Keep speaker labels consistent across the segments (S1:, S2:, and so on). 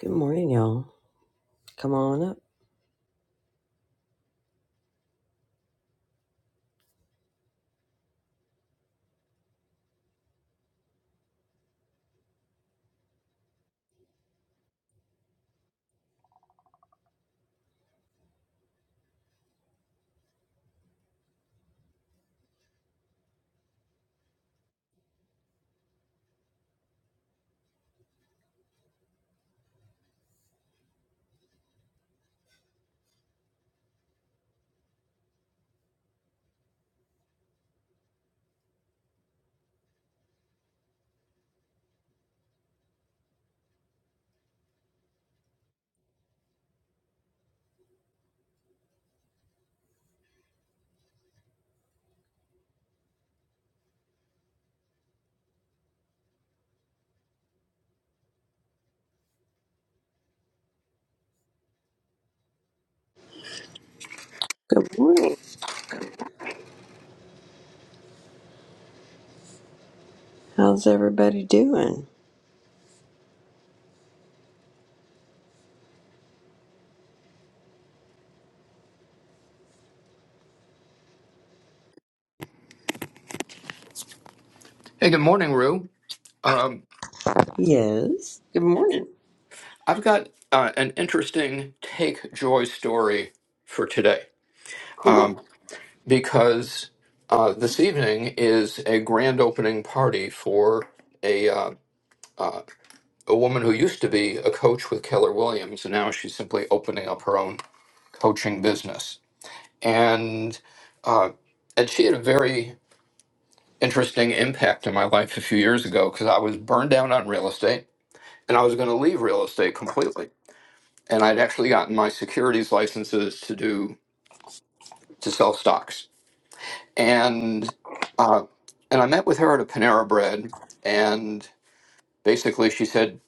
S1: Good morning, y'all. Come on up. Good morning. How's everybody doing?
S2: Hey, good morning, Rue. Um,
S1: Yes. Good morning.
S2: I've got uh, an interesting take joy story for today
S1: Cool.
S2: um, because uh, this evening is a grand opening party for a uh, uh, a woman who used to be a coach with Keller Williams, and now she's simply opening up her own coaching business. And uh, and she had a very interesting impact in my life a few years ago because I was burned down on real estate and I was going to leave real estate completely and I'd actually gotten my securities licenses to do to sell stocks. And uh, and I met with her at a Panera Bread, and basically she said,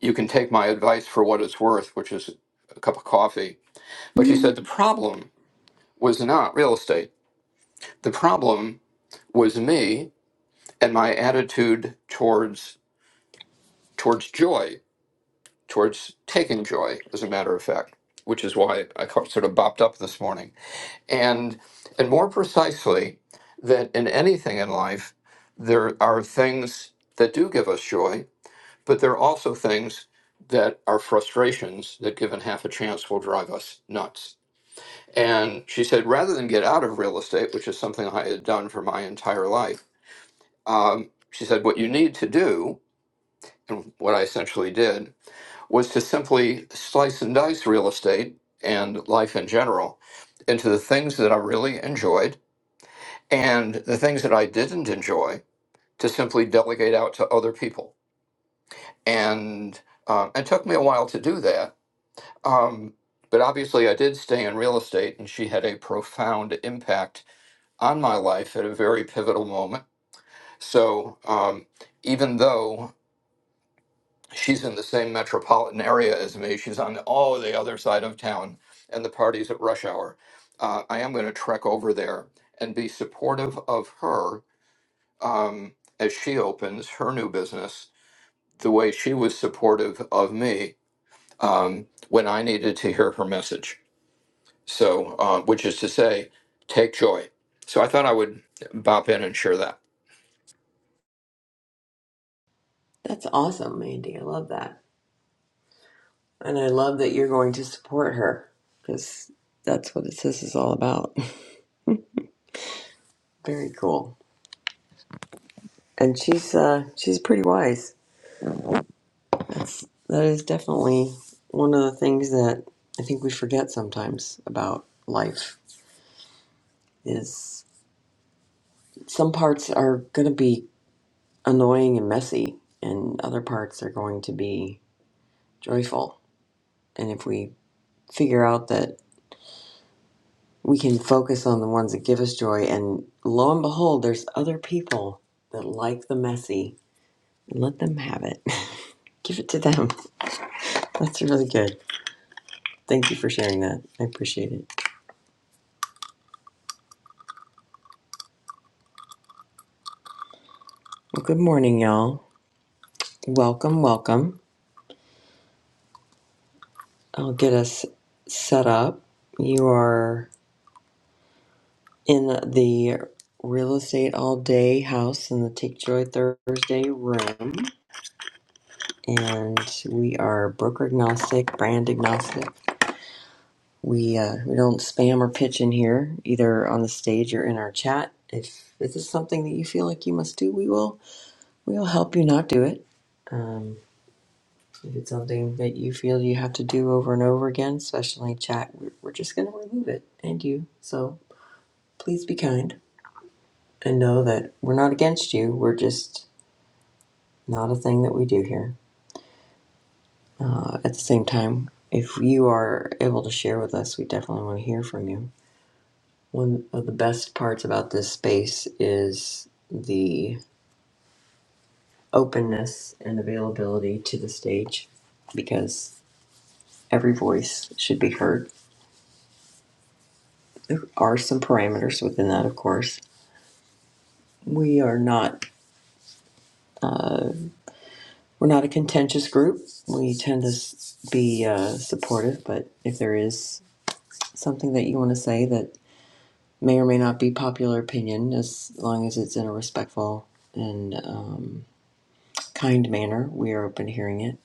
S2: "You can take my advice for what it's worth, which is a cup of coffee." But she said
S1: Mhm.
S2: the problem was not real estate. The problem was me and my attitude towards towards joy, towards taking joy, as a matter of fact, which is why I sort of bopped up this morning and and more precisely that in anything in life there are things that do give us joy but there are also things that are frustrations that given half a chance will drive us nuts and she said rather than get out of real estate which is something i had done for my entire life um, she said what you need to do and what i essentially did was to simply slice and dice real estate and life in general into the things that i really enjoyed and the things that I didn't enjoy to simply delegate out to other people. And uh, it took me a while to do that. Um, but obviously, I did stay in real estate, and she had a profound impact on my life at a very pivotal moment. So um, even though she's in the same metropolitan area as me, she's on all the other side of town, and the party's at rush hour. Uh, I am going to trek over there and be supportive of her um, as she opens her new business, the way she was supportive of me um, when I needed to hear her message. So, uh, which is to say, take joy. So I thought I would bop in and share that.
S1: That's awesome, Mandy. I love that. And I love that you're going to support her because that's what this is all about. Very cool. And she's uh she's pretty wise. That's that is definitely one of the things that I think we forget sometimes about life is some parts are going to be annoying and messy, and other parts are going to be joyful. And if we figure out that we can focus on the ones that give us joy, and lo and behold, there's other people that like the messy, let them have it. Give it to them. That's really good. Thank you for sharing that. I appreciate it. Well, good morning, y'all. Welcome, welcome. I'll get us set up. You are. in the real estate all day house in the Take Joy Thursday room, and we are broker agnostic, brand agnostic. We uh, we don't spam or pitch in here either on the stage or in our chat. If this is something that you feel like you must do, we will we will help you not do it. Um, if it's something that you feel you have to do over and over again, especially in chat, we're, we're just going to remove it and you. So please be kind and know that we're not against you. We're just Not a thing that we do here. Uh, at the same time, if you are able to share with us, we definitely want to hear from you. One of the best parts about this space is the openness and availability to the stage because every voice should be heard. There are some parameters within that, of course. We are not uh, we're not a contentious group. We tend to s- be uh, supportive, but if there is something that you want to say that may or may not be popular opinion as long as it's in a respectful and um, kind manner. We are open to hearing it.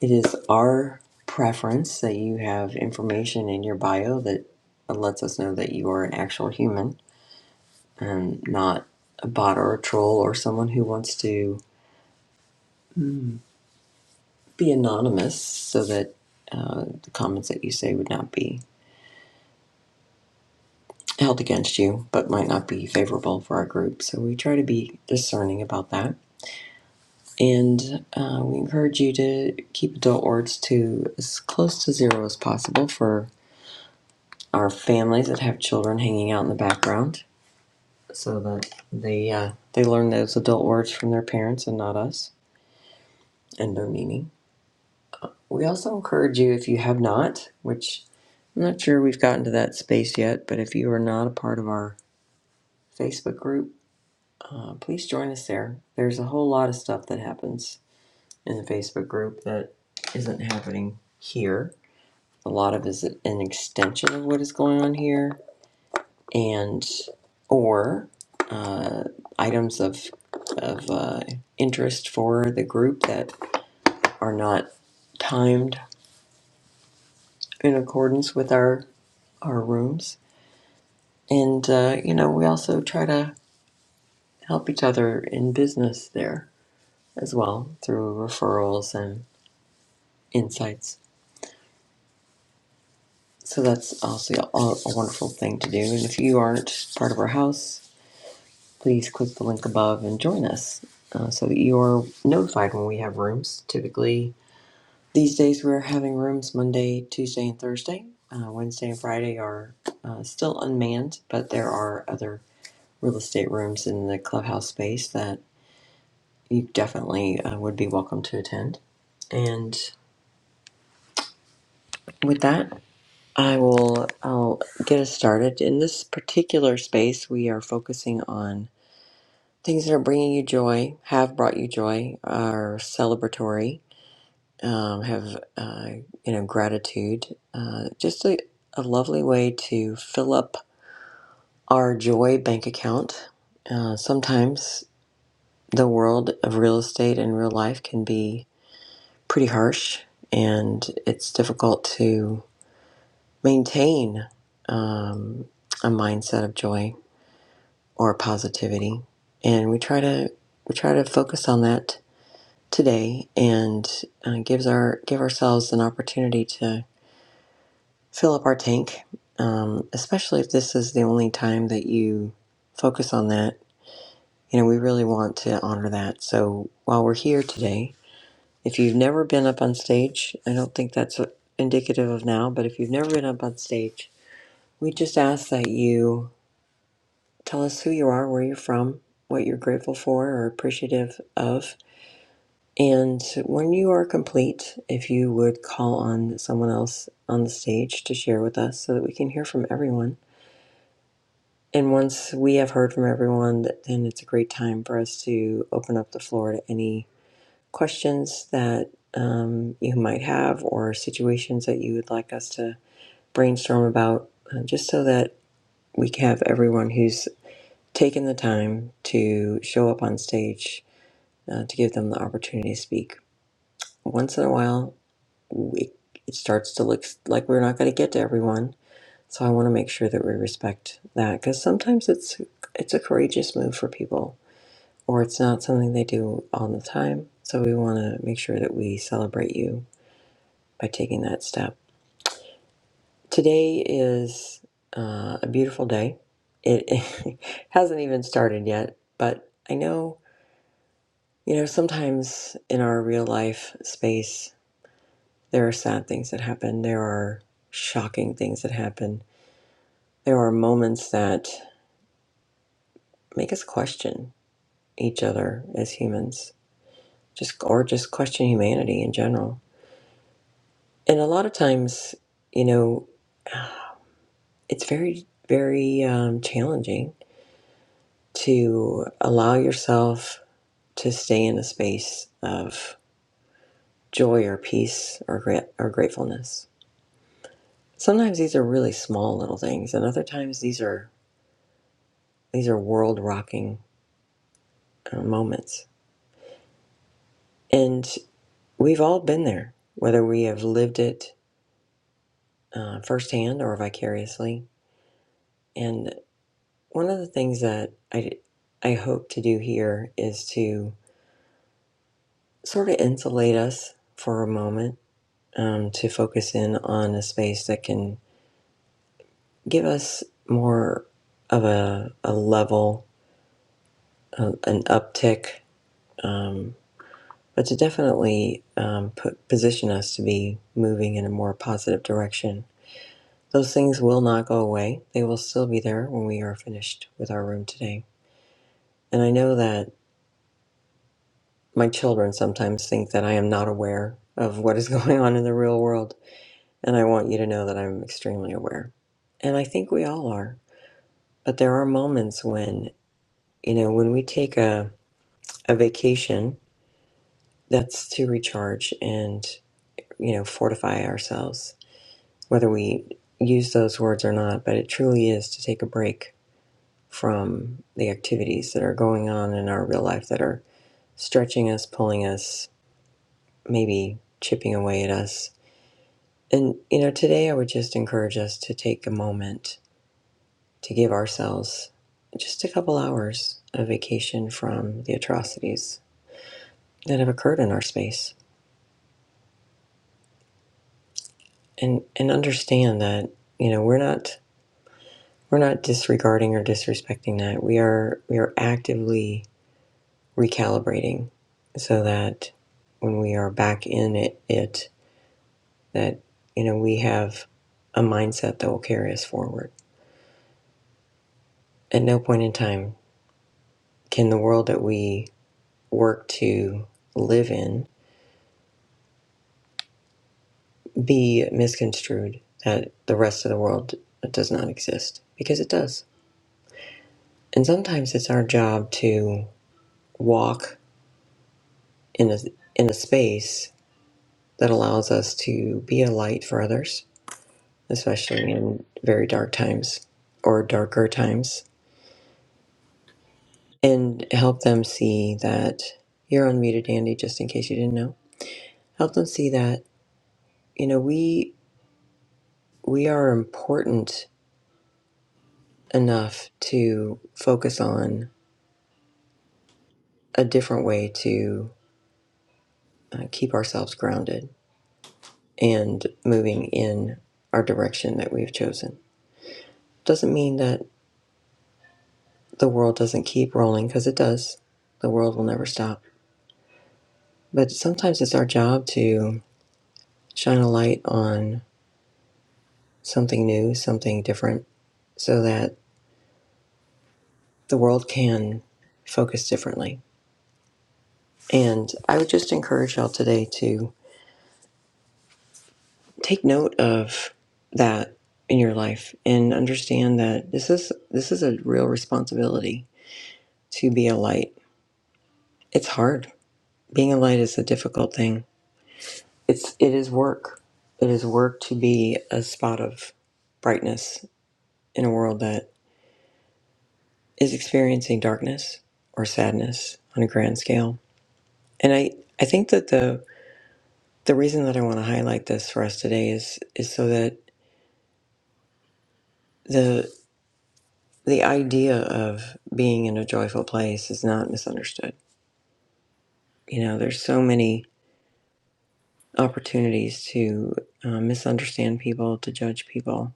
S1: It is our preference that you have information in your bio that lets us know that you are an actual human and not a bot or a troll or someone who wants to be anonymous so that uh, the comments that you say would not be held against you but might not be favorable for our group. So we try to be discerning about that. And uh, we encourage you to keep adult words to as close to zero as possible for our families that have children hanging out in the background, so that they uh, they learn those adult words from their parents and not us and their meaning. We also encourage you, if you have not, which I'm not sure we've gotten to that space yet, but if you are not a part of our Facebook group, uh, please join us there. There's a whole lot of stuff that happens in the Facebook group that isn't happening here a lot of is an extension of what is going on here and or uh, items of of uh, interest for the group that are not timed in accordance with our our rooms and uh, you know we also try to help each other in business there as well through referrals and insights so that's also a, a wonderful thing to do and if you aren't part of our house please click the link above and join us uh, so that you're notified when we have rooms. Typically, these days we're having rooms Monday, Tuesday, and Thursday. Uh, Wednesday and Friday are uh, still unmanned, but there are other real estate rooms in the clubhouse space that you definitely uh, would be welcome to attend. And with that, I will I'll get us started. In this particular space, we are focusing on Things that are bringing you joy, have brought you joy, are celebratory, um, have uh, you know gratitude. Uh, just a, a lovely way to fill up our joy bank account. Uh, sometimes the world of real estate and real life can be pretty harsh, and it's difficult to maintain um, a mindset of joy or positivity. And we try to we try to focus on that today and uh, gives our give ourselves an opportunity to fill up our tank, um, especially if this is the only time that you focus on that. You know, we really want to honor that. So while we're here today, if you've never been up on stage, I don't think that's indicative of now, but if you've never been up on stage, we just ask that you tell us who you are, where you're from, what you're grateful for or appreciative of, And when you are complete, if you would call on someone else on the stage to share with us so that we can hear from everyone. And once we have heard from everyone, then it's a great time for us to open up the floor to any questions that um, you might have or situations that you would like us to brainstorm about, uh, just so that we can have everyone who's taken the time to show up on stage uh, to give them the opportunity to speak. Once in a while, we, it starts to look like we're not going to get to everyone. So I want to make sure that we respect that because sometimes it's it's a courageous move for people, or it's not something they do all the time. So we want to make sure that we celebrate you by taking that step. Today is uh, a beautiful day. It, it hasn't even started yet, but I know you know sometimes in our real life space there are sad things that happen. There are shocking things that happen There are moments that make us question each other as humans, just or just question humanity in general. And a lot of times, you know, it's very, very um, challenging to allow yourself to stay in a space of joy or peace or gra- or gratefulness. Sometimes these are really small little things, and other times these are these are world rocking uh, moments. And we've all been there, whether we have lived it uh, firsthand or vicariously. And one of the things that I, I hope to do here is to sort of insulate us for a moment, um, to focus in on a space that can give us more of a, a level, a, an uptick, um, but to definitely um, put, position us to be moving in a more positive direction. Those things will not go away. They will still be there when we are finished with our room today. And I know that My children sometimes think that I am not aware of what is going on in the real world, and I want you to know that I'm extremely aware. And I think we all are. But there are moments when, you know, when we take a, a vacation that's to recharge and, you know, fortify ourselves, whether we use those words or not, but it truly is to take a break from the activities that are going on in our real life that are stretching us, pulling us, maybe chipping away at us And, you know, today I would just encourage us to take a moment to give ourselves just a couple hours of vacation from the atrocities that have occurred in our space and, and understand that, you know, we're not, we're not disregarding or disrespecting that. We are, we are actively recalibrating so that when we are back in it, it that, you know, we have a mindset that will carry us forward. At no point in time can the world that we work to live in be misconstrued that the rest of the world does not exist because it does and sometimes it's our job to walk in a in a space that allows us to be a light for others especially in very dark times or darker times and help them see that you're unmuted andy just in case you didn't know help them see that you know we we are important enough to focus on a different way to uh, keep ourselves grounded and moving in our direction that we've chosen. Doesn't mean that the world doesn't keep rolling, because it does. The world will never stop. But sometimes it's our job to shine a light on something new, something different, so that the world can focus differently. And I would just encourage y'all today to take note of that in your life and understand that this is this is a real responsibility to be a light. It's hard. Being a light is a difficult thing. It's it is work. It is work to be a spot of brightness in a world that is experiencing darkness or sadness on a grand scale. And I I think that the the reason that I want to highlight this for us today is is so that the. the idea of being in a joyful place is not misunderstood. You know, there's so many opportunities to uh, misunderstand people, to judge people.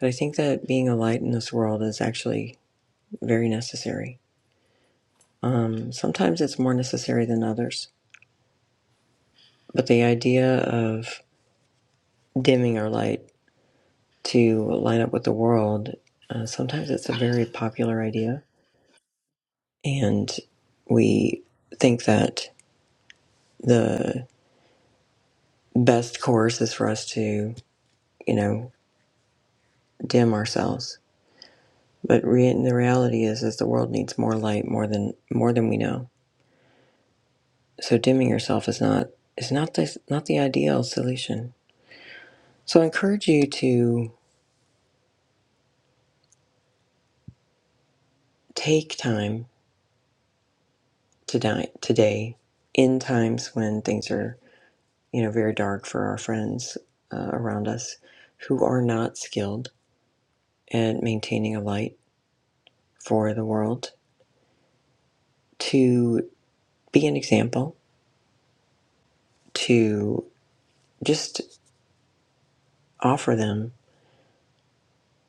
S1: But I think that being a light in this world is actually very necessary. Um, sometimes it's more necessary than others. But the idea of dimming our light to line up with the world, uh, sometimes it's a very popular idea. And we think that the best course is for us to you know, dim ourselves. But re- the reality is, is the world needs more light, more than more than we know. So dimming yourself is not is not the not the ideal solution. So I encourage you to take time to di- today in times when things are you know very dark for our friends uh, around us who are not skilled at maintaining a light for the world to be an example to just offer them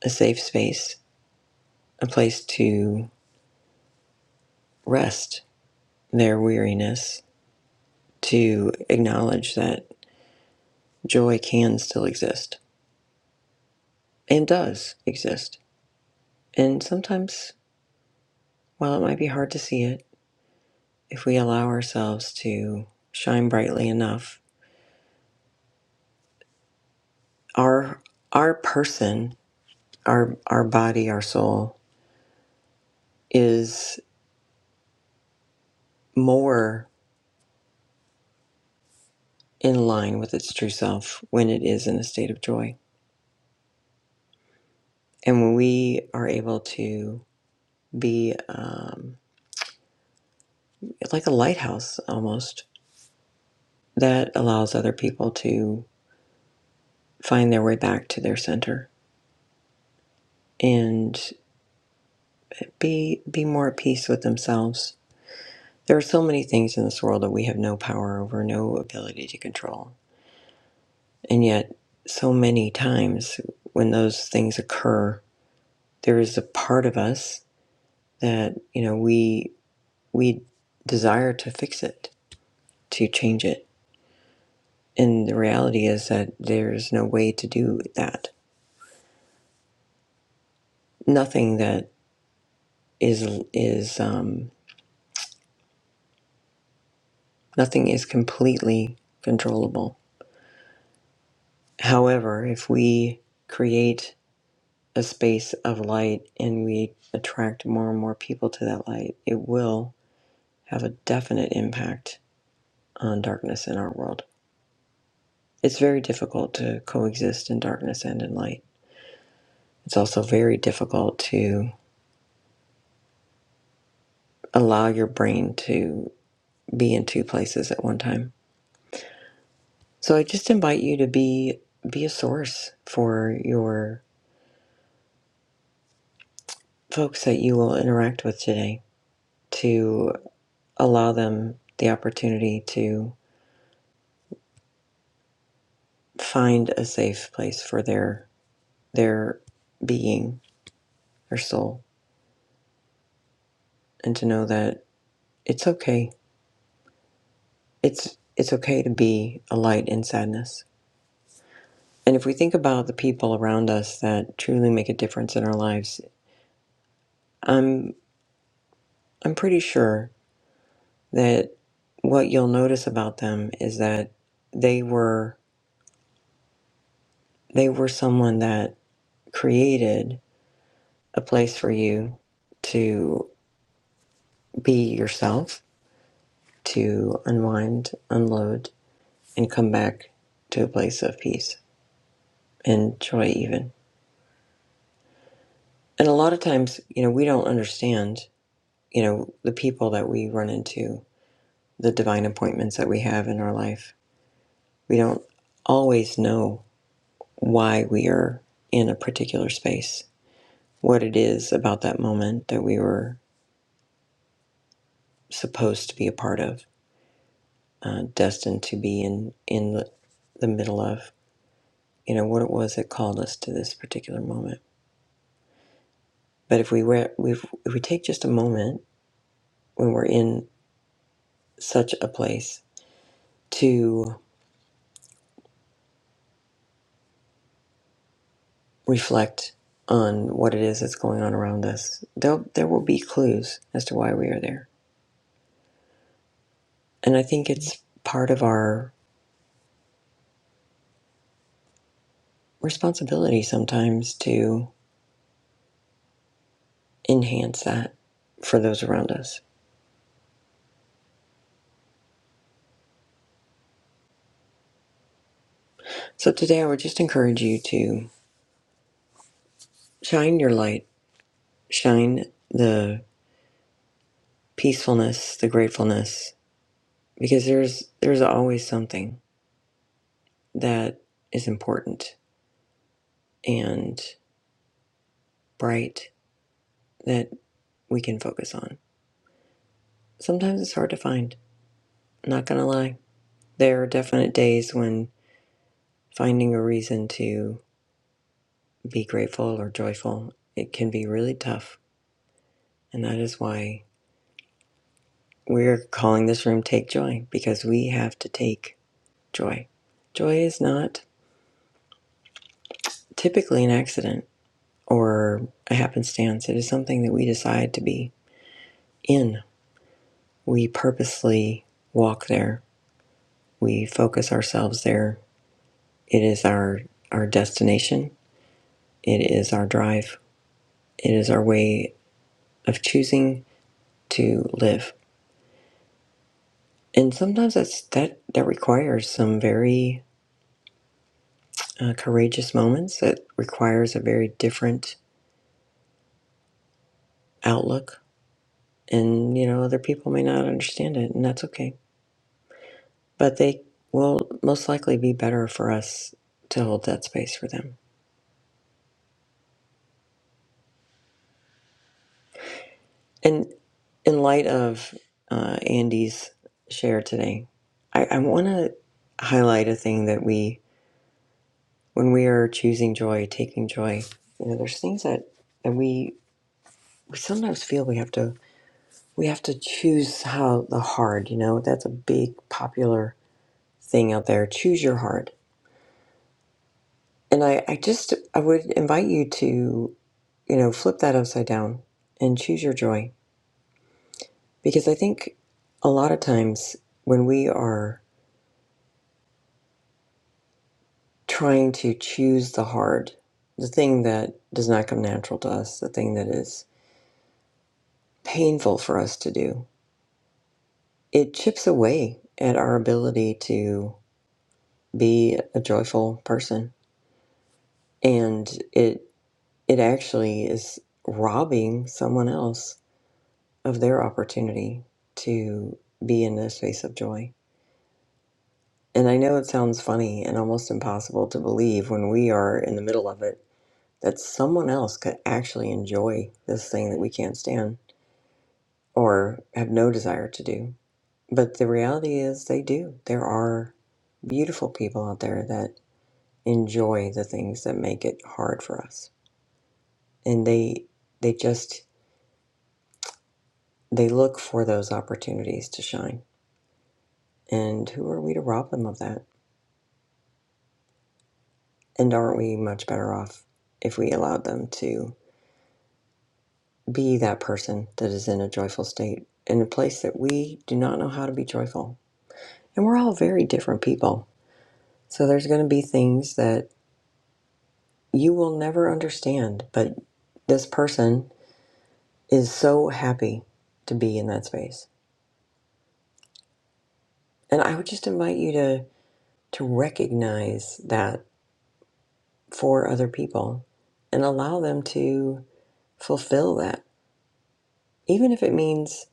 S1: a safe space, a place to rest their weariness, to acknowledge that joy can still exist and does exist. And sometimes, while it might be hard to see it, if we allow ourselves to shine brightly enough, our our person, our our body, our soul is more in line with its true self when it is in a state of joy. And when we are able to be um, It's like a lighthouse almost that allows other people to find their way back to their center and be be more at peace with themselves. There are so many things in this world that we have no power over, no ability to control. And yet so many times when those things occur, there is a part of us that, you know, we we desire to fix it, to change it. And the reality is that there's no way to do that. Nothing that is is um, nothing is completely controllable. However, if we create a space of light and we attract more and more people to that light, it will have a definite impact on darkness in our world. It's very difficult to coexist in darkness and in light. It's also very difficult to allow your brain to be in two places at one time. So I just invite you to be be a source for your folks that you will interact with today to allow them the opportunity to find a safe place for their their being, their soul, and to know that it's okay. It's it's okay to be a light in sadness. And if we think about the people around us that truly make a difference in our lives, I'm I'm pretty sure that what you'll notice about them is that they were they were someone that created a place for you to be yourself, to unwind, unload, and come back to a place of peace and joy, even. And a lot of times, you know, we don't understand, you know, the people that we run into, the divine appointments that we have in our life. We don't always know why we are in a particular space, what it is about that moment that we were supposed to be a part of, uh, destined to be in, in the, the middle of. you know what it was that called us to this particular moment but if we were if, if we take just a moment when we're in such a place to reflect on what it is that's going on around us there there will be clues as to why we are there and i think it's part of our responsibility sometimes to enhance that for those around us so today i would just encourage you to shine your light shine the peacefulness the gratefulness because there's there's always something that is important and bright that we can focus on. Sometimes it's hard to find, not gonna lie. There are definite days when finding a reason to be grateful or joyful, it can be really tough. And that is why we're calling this room Take Joy, because we have to take joy. Joy is not typically an accident or a happenstance. It is something that we decide to be in We purposely walk there. We focus ourselves there. It is our, our destination. It is our drive. It is our way of choosing to live. And sometimes that's, that, that requires some very uh, courageous moments. It requires a very different outlook. And, you know, other people may not understand it, and that's okay. But they will most likely be better for us to hold that space for them. And in light of uh, Andy's share today, I, I want to highlight a thing that we, when we are choosing joy, taking joy, you know, there's things that, that we, we sometimes feel we have to, we have to choose how the hard, you know, that's a big popular thing out there. Choose your hard. And I, I just, I would invite you to, you know, flip that upside down and choose your joy. Because I think a lot of times when we are trying to choose the hard, the thing that does not come natural to us, the thing that is painful for us to do, it chips away at our ability to be a joyful person. And it it actually is robbing someone else of their opportunity to be in a space of joy. And I know it sounds funny and almost impossible to believe when we are in the middle of it that someone else could actually enjoy this thing that we can't stand or have no desire to do. But the reality is they do. There are beautiful people out there that enjoy the things that make it hard for us. And they they just they look for those opportunities to shine. And who are we to rob them of that? And aren't we much better off if we allowed them to be that person that is in a joyful state in a place that we do not know how to be joyful? And we're all very different people. So there's going to be things that You will never understand, but this person is so happy to be in that space. And I would just invite you to to recognize that for other people and allow them to fulfill that. Even if it means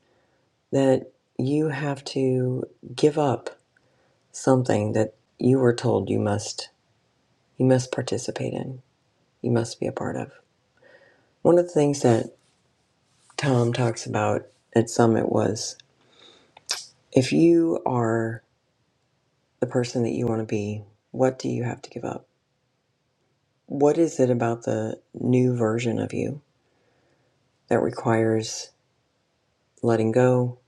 S1: that you have to give up something that you were told you must you must participate in, you must be a part of. One of the things that Tom talks about at Summit was if you are the person that you want to be, what do you have to give up? What is it about the new version of you that requires letting go,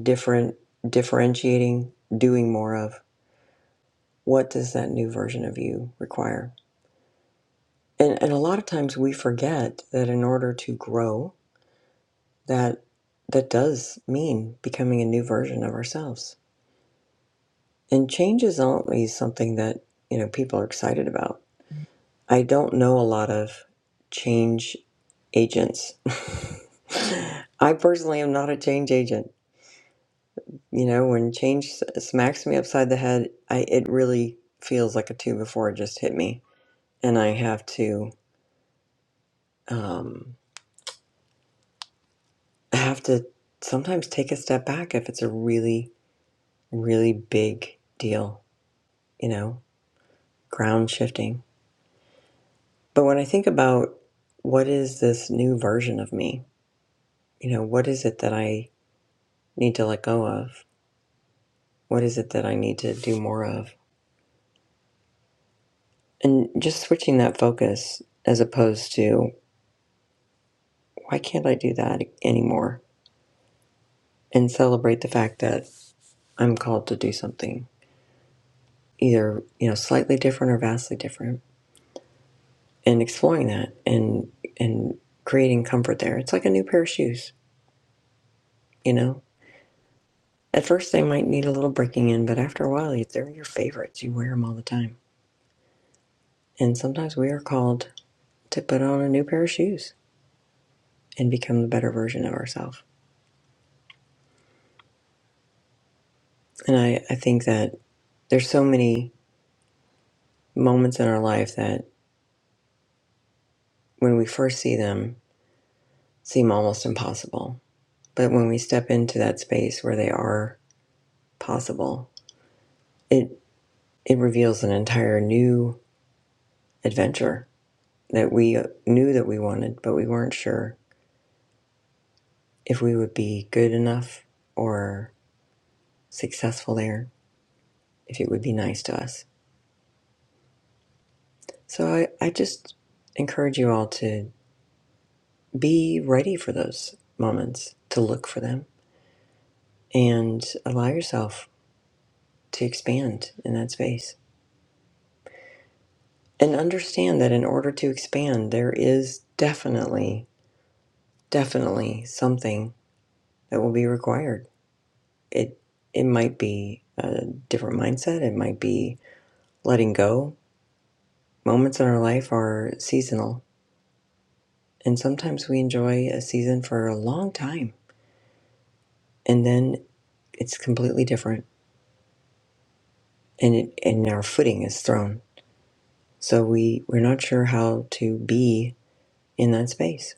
S1: different, differentiating, doing more of? What does that new version of you require? And, and a lot of times we forget that in order to grow, that that does mean becoming a new version of ourselves. And change is always something that you know people are excited about I don't know a lot of change agents. I personally am not a change agent. You know, when change s- smacks me upside the head, I it really feels like a two before it just hit me, and I have to um, I have to sometimes take a step back if it's a really really big deal. You know, ground shifting. But when I think about what is this new version of me, you know, what is it that I need to let go of? What is it that I need to do more of? And just switching that focus as opposed to, why can't I do that anymore? And celebrate the fact that I'm called to do something either, you know, slightly different or vastly different and exploring that and, and creating comfort there. It's like a new pair of shoes, you know? At first they might need a little breaking in, but after a while they're your favorites. You wear them all the time. And sometimes we are called to put on a new pair of shoes and become the better version of ourselves. And I, I think that there's so many moments in our life that when we first see them seem almost impossible. But when we step into that space where they are possible, it it reveals an entire new adventure that we knew that we wanted, but we weren't sure if we would be good enough or successful there, if it would be nice to us. So I, I just encourage you all to be ready for those moments, to look for them and allow yourself to expand in that space. And understand that in order to expand, there is definitely, definitely something that will be required. It it might be a different mindset. It might be letting go. Moments in our life are seasonal, and sometimes we enjoy a season for a long time, and then it's completely different, and it, and our footing is thrown. So we we're not sure how to be in that space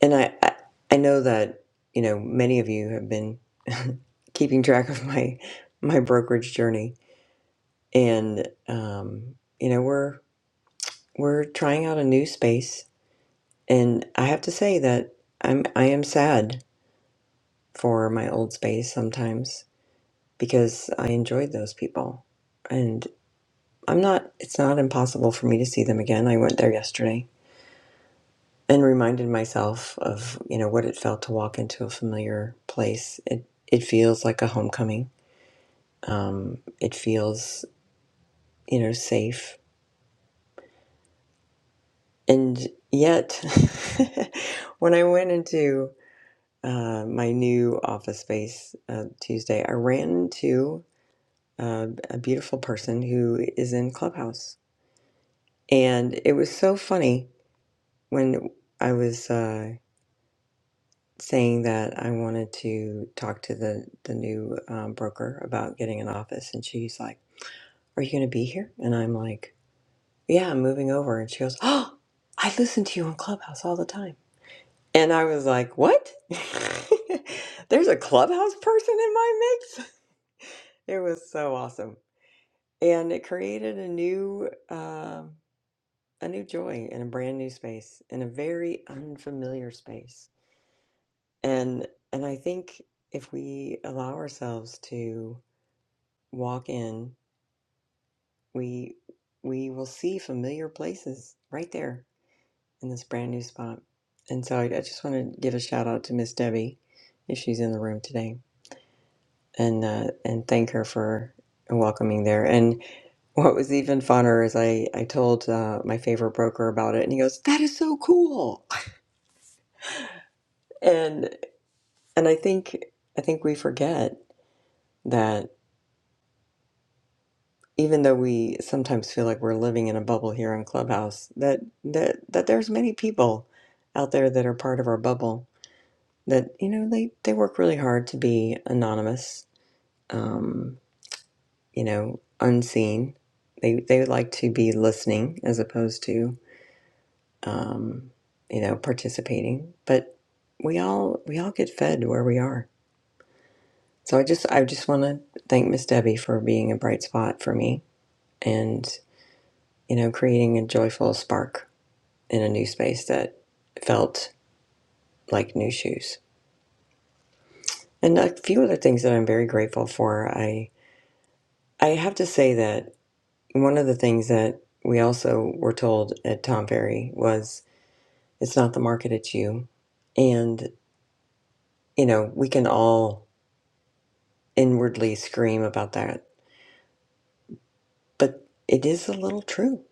S1: And I, I, I know that, you know, many of you have been keeping track of my, my brokerage journey. And, um, you know, we're, we're trying out a new space. And I have to say that I'm, I am sad for my old space sometimes because I enjoyed those people. And I'm not, it's not impossible for me to see them again. I went there yesterday. and reminded myself of you know what it felt to walk into a familiar place. It it feels like a homecoming. Um, it feels you know safe, and yet when I went into uh, my new office space uh, Tuesday, I ran into uh, a beautiful person who is in Clubhouse, and it was so funny when I was. uh, saying that I wanted to talk to the the new um, broker about getting an office, and she's like, "Are you going to be here?" And I'm like, "Yeah, I'm moving over." And she goes, "Oh, I listen to you on Clubhouse all the time." And I was like, "What? There's a Clubhouse person in my mix." It was so awesome, and it created a new. um a new joy in a brand new space, in a very unfamiliar space And and I think if we allow ourselves to walk in, we we will see familiar places right there in this brand new spot. And so I, I just want to give a shout out to Miss Debbie if she's in the room today, and uh, and thank her for welcoming there. And what was even funner is I I told uh, my favorite broker about it, and he goes, "That is so cool." and and I think I think we forget that. even though we sometimes feel like we're living in a bubble here on Clubhouse, that that that there's many people out there that are part of our bubble that you know they they work really hard to be anonymous, um, you know, unseen. They they like to be listening as opposed to um, you know participating, but we all we all get fed where we are. So I just I just want to thank Miss Debbie for being a bright spot for me and you know creating a joyful spark in a new space that felt like new shoes. And a few other things that I'm very grateful for. I I have to say that one of the things that we also were told at Tom Ferry was it's not the market, it's you. And you know, we can all inwardly scream about that, but it is a little true.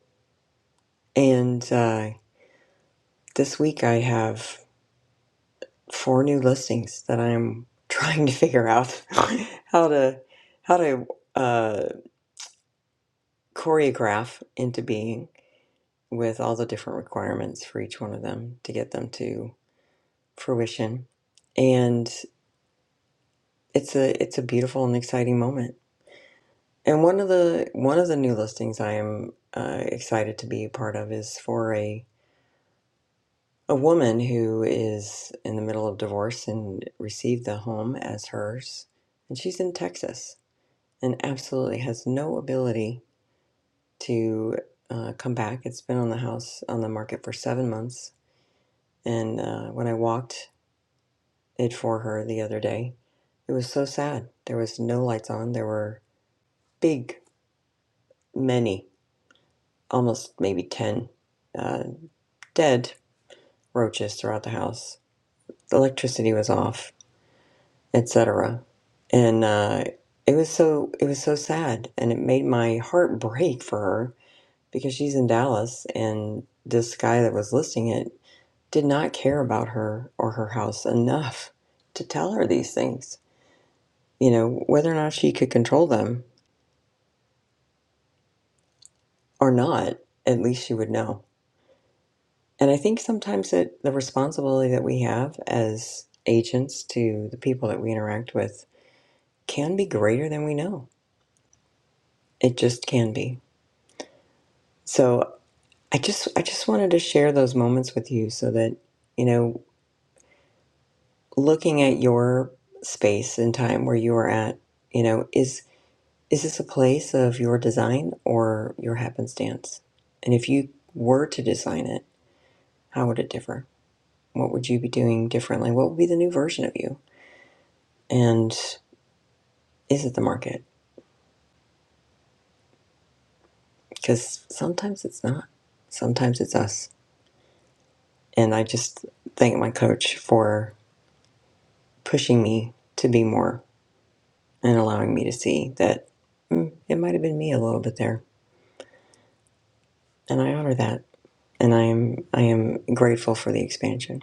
S1: And uh, this week I have four new listings that I'm trying to figure out how to how to uh, choreograph into being with all the different requirements for each one of them to get them to fruition and it's a it's a beautiful and exciting moment and one of the one of the new listings i am uh, excited to be a part of is for a a woman who is in the middle of divorce and received the home as hers and she's in texas and absolutely has no ability to uh, come back it's been on the house on the market for seven months And uh, when I walked it for her the other day, it was so sad. There was no lights on. There were big, many, almost maybe 10 uh, dead roaches throughout the house. The electricity was off, etc. And uh, it was so it was so sad, and it made my heart break for her because she's in Dallas, and this guy that was listing it did not care about her or her house enough to tell her these things you know, whether or not she could control them or not, at least she would know. And I think sometimes that the responsibility that we have as agents to the people that we interact with can be greater than we know. It just can be. So I just I just wanted to share those moments with you so that, you know, looking at your space and time where you are at, you know, is is this a place of your design or your happenstance? And if you were to design it, how would it differ? What would you be doing differently? What would be the new version of you? And is it the market? Because sometimes it's not. Sometimes it's us. And I just thank my coach for pushing me to be more and allowing me to see that mm, it might have been me a little bit there. And I honor that. And I am I am grateful for the expansion.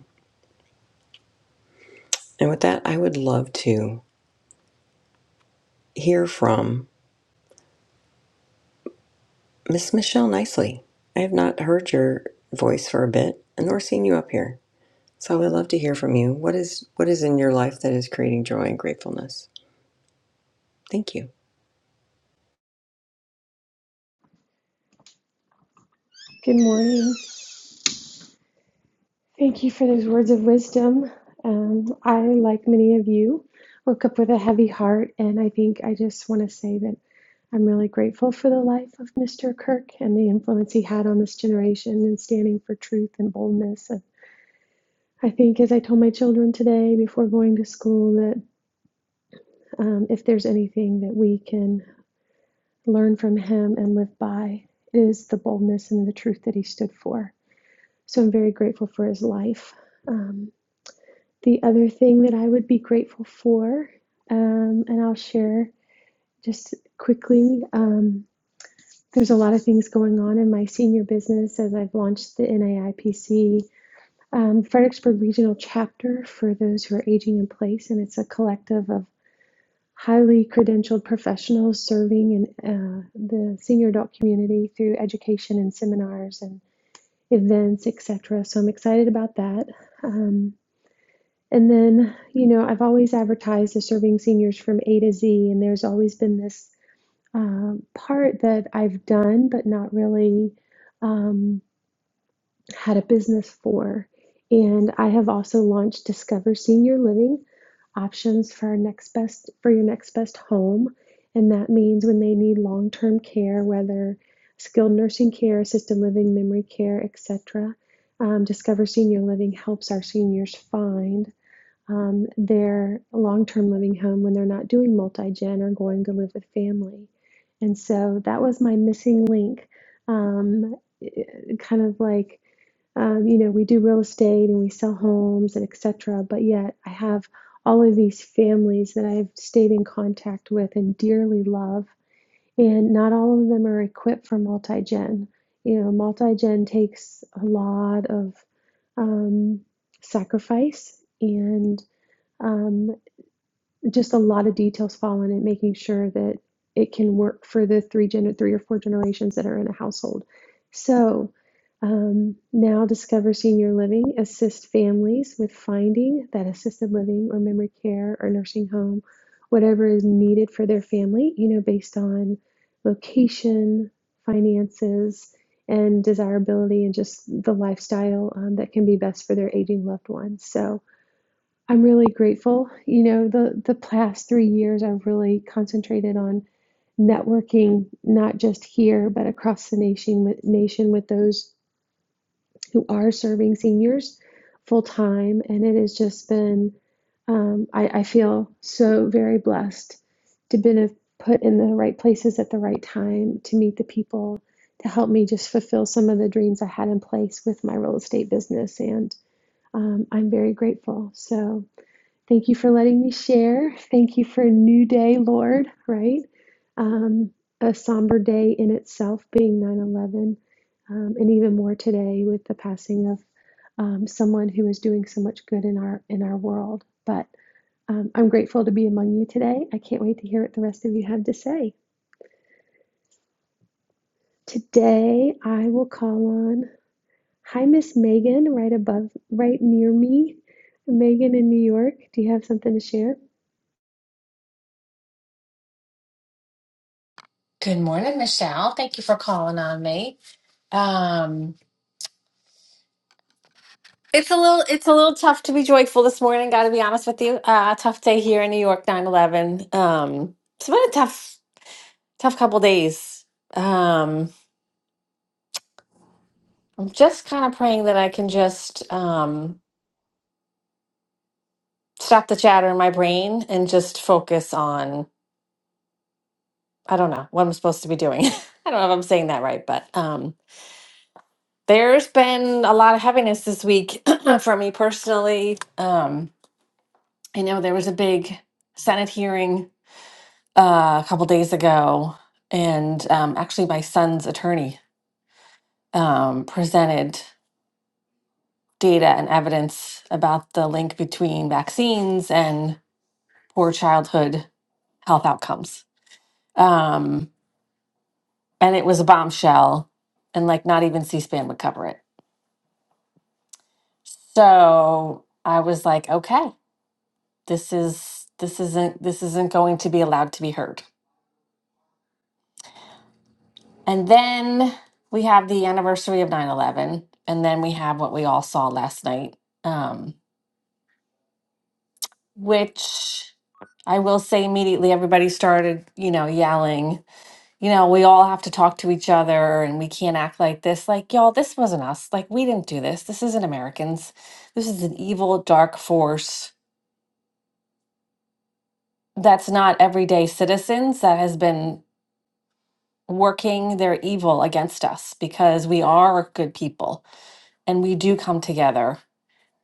S1: And with that, I would love to hear from Miss Michelle Nicely. I have not heard your voice for a bit, nor seen you up here. So I would love to hear from you. What is what is in your life that is creating joy and gratefulness? Thank you.
S3: Good morning. Thank you for those words of wisdom. Um, I, like many of you, woke up with a heavy heart, and I think I just want to say that I'm really grateful for the life of Mr. Kirk and the influence he had on this generation in standing for truth and boldness. And I think, as I told my children today before going to school, that um, if there's anything that we can learn from him and live by, it is the boldness and the truth that he stood for. So I'm very grateful for his life. Um, The other thing that I would be grateful for, um, and I'll share just quickly, um, there's a lot of things going on in my senior business as I've launched the NAIPC um, Fredericksburg Regional Chapter for those who are aging in place, and it's a collective of highly credentialed professionals serving in uh, the senior adult community through education and seminars and events, etc. So I'm excited about that. Um, And then, you know, I've always advertised as serving seniors from A to Z, and there's always been this um, part that I've done but not really um, had a business for. And I have also launched Discover Senior Living options for our next best for your next best home, and that means when they need long-term care, whether skilled nursing care, assisted living, memory care, etc. Um, Discover Senior Living helps our seniors find um, their long term living home when they're not doing multi gen or going to live with family. And so that was my missing link. Um, i- kind of like, um, you know, we do real estate and we sell homes and etc. But yet I have all of these families that I've stayed in contact with and dearly love. And not all of them are equipped for multi gen. You know, multi gen takes a lot of um, sacrifice and um, just a lot of details fall in it, making sure that it can work for the three gen- three or four generations that are in a household. So um, now Discover Senior Living assist families with finding that assisted living or memory care or nursing home, whatever is needed for their family, you know, based on location, finances, and desirability and just the lifestyle um, that can be best for their aging loved ones. So I'm really grateful. You know, the the past three years, I've really concentrated on networking, not just here, but across the nation nation with those who are serving seniors full time, and it has just been. Um, I, I feel so very blessed to have been put in the right places at the right time to meet the people to help me just fulfill some of the dreams I had in place with my real estate business, and um, I'm very grateful. So. Thank you for letting me share. Thank you for a new day, Lord, right? Um, a somber day in itself being 9 11, um, and even more today with the passing of um, someone who is doing so much good in our, in our world. But um, I'm grateful to be among you today. I can't wait to hear what the rest of you have to say. Today, I will call on, hi, Miss Megan, right above, right near me. Megan in New York, do you have something to share?
S4: Good morning, Michelle. Thank you for calling on me. Um, It's a little it's a little tough to be joyful this morning, gotta be honest with you. Uh tough day here in New York, Nine eleven. Um it's been a tough, tough couple days. Um I'm just kind of praying that I can just um stop the chatter in my brain and just focus on I don't know what I'm supposed to be doing. I don't know if I'm saying that right, but um there's been a lot of heaviness this week for me personally. Um I know there was a big Senate hearing uh, a couple days ago, and um, actually, my son's attorney um, presented data and evidence about the link between vaccines and poor childhood health outcomes. Um, and it was a bombshell, and like not even C SPAN would cover it. So I was like, okay, this is this isn't this isn't going to be allowed to be heard. And then we have the anniversary of 9 11, And then we have what we all saw last night, um, which I will say immediately everybody started, you know, yelling, you know, we all have to talk to each other and we can't act like this. Like, y'all, this wasn't us. Like, we didn't do this. This isn't Americans. This is an evil, dark force that's not everyday citizens that has been working their evil against us because we are good people and we do come together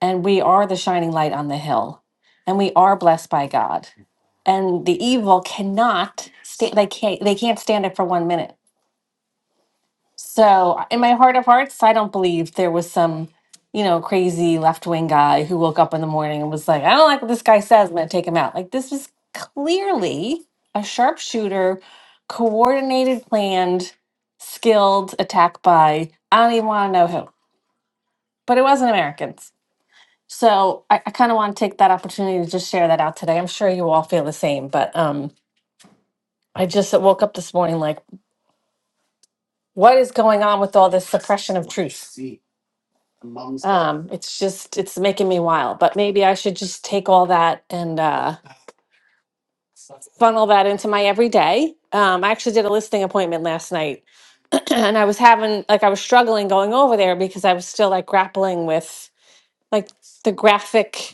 S4: and we are the shining light on the hill and we are blessed by god and the evil cannot stand they can't they can't stand it for one minute so in my heart of hearts i don't believe there was some you know crazy left-wing guy who woke up in the morning and was like i don't like what this guy says i'm gonna take him out like this is clearly a sharpshooter coordinated planned skilled attack by i don't even want to know who but it wasn't americans so I, I kind of want to take that opportunity to just share that out today. I'm sure you all feel the same, but um, I just woke up this morning like, what is going on with all this suppression of truth? Um, it's just, it's making me wild, but maybe I should just take all that and uh, funnel that into my everyday. Um, I actually did a listing appointment last night and I was having, like, I was struggling going over there because I was still like grappling with like the graphic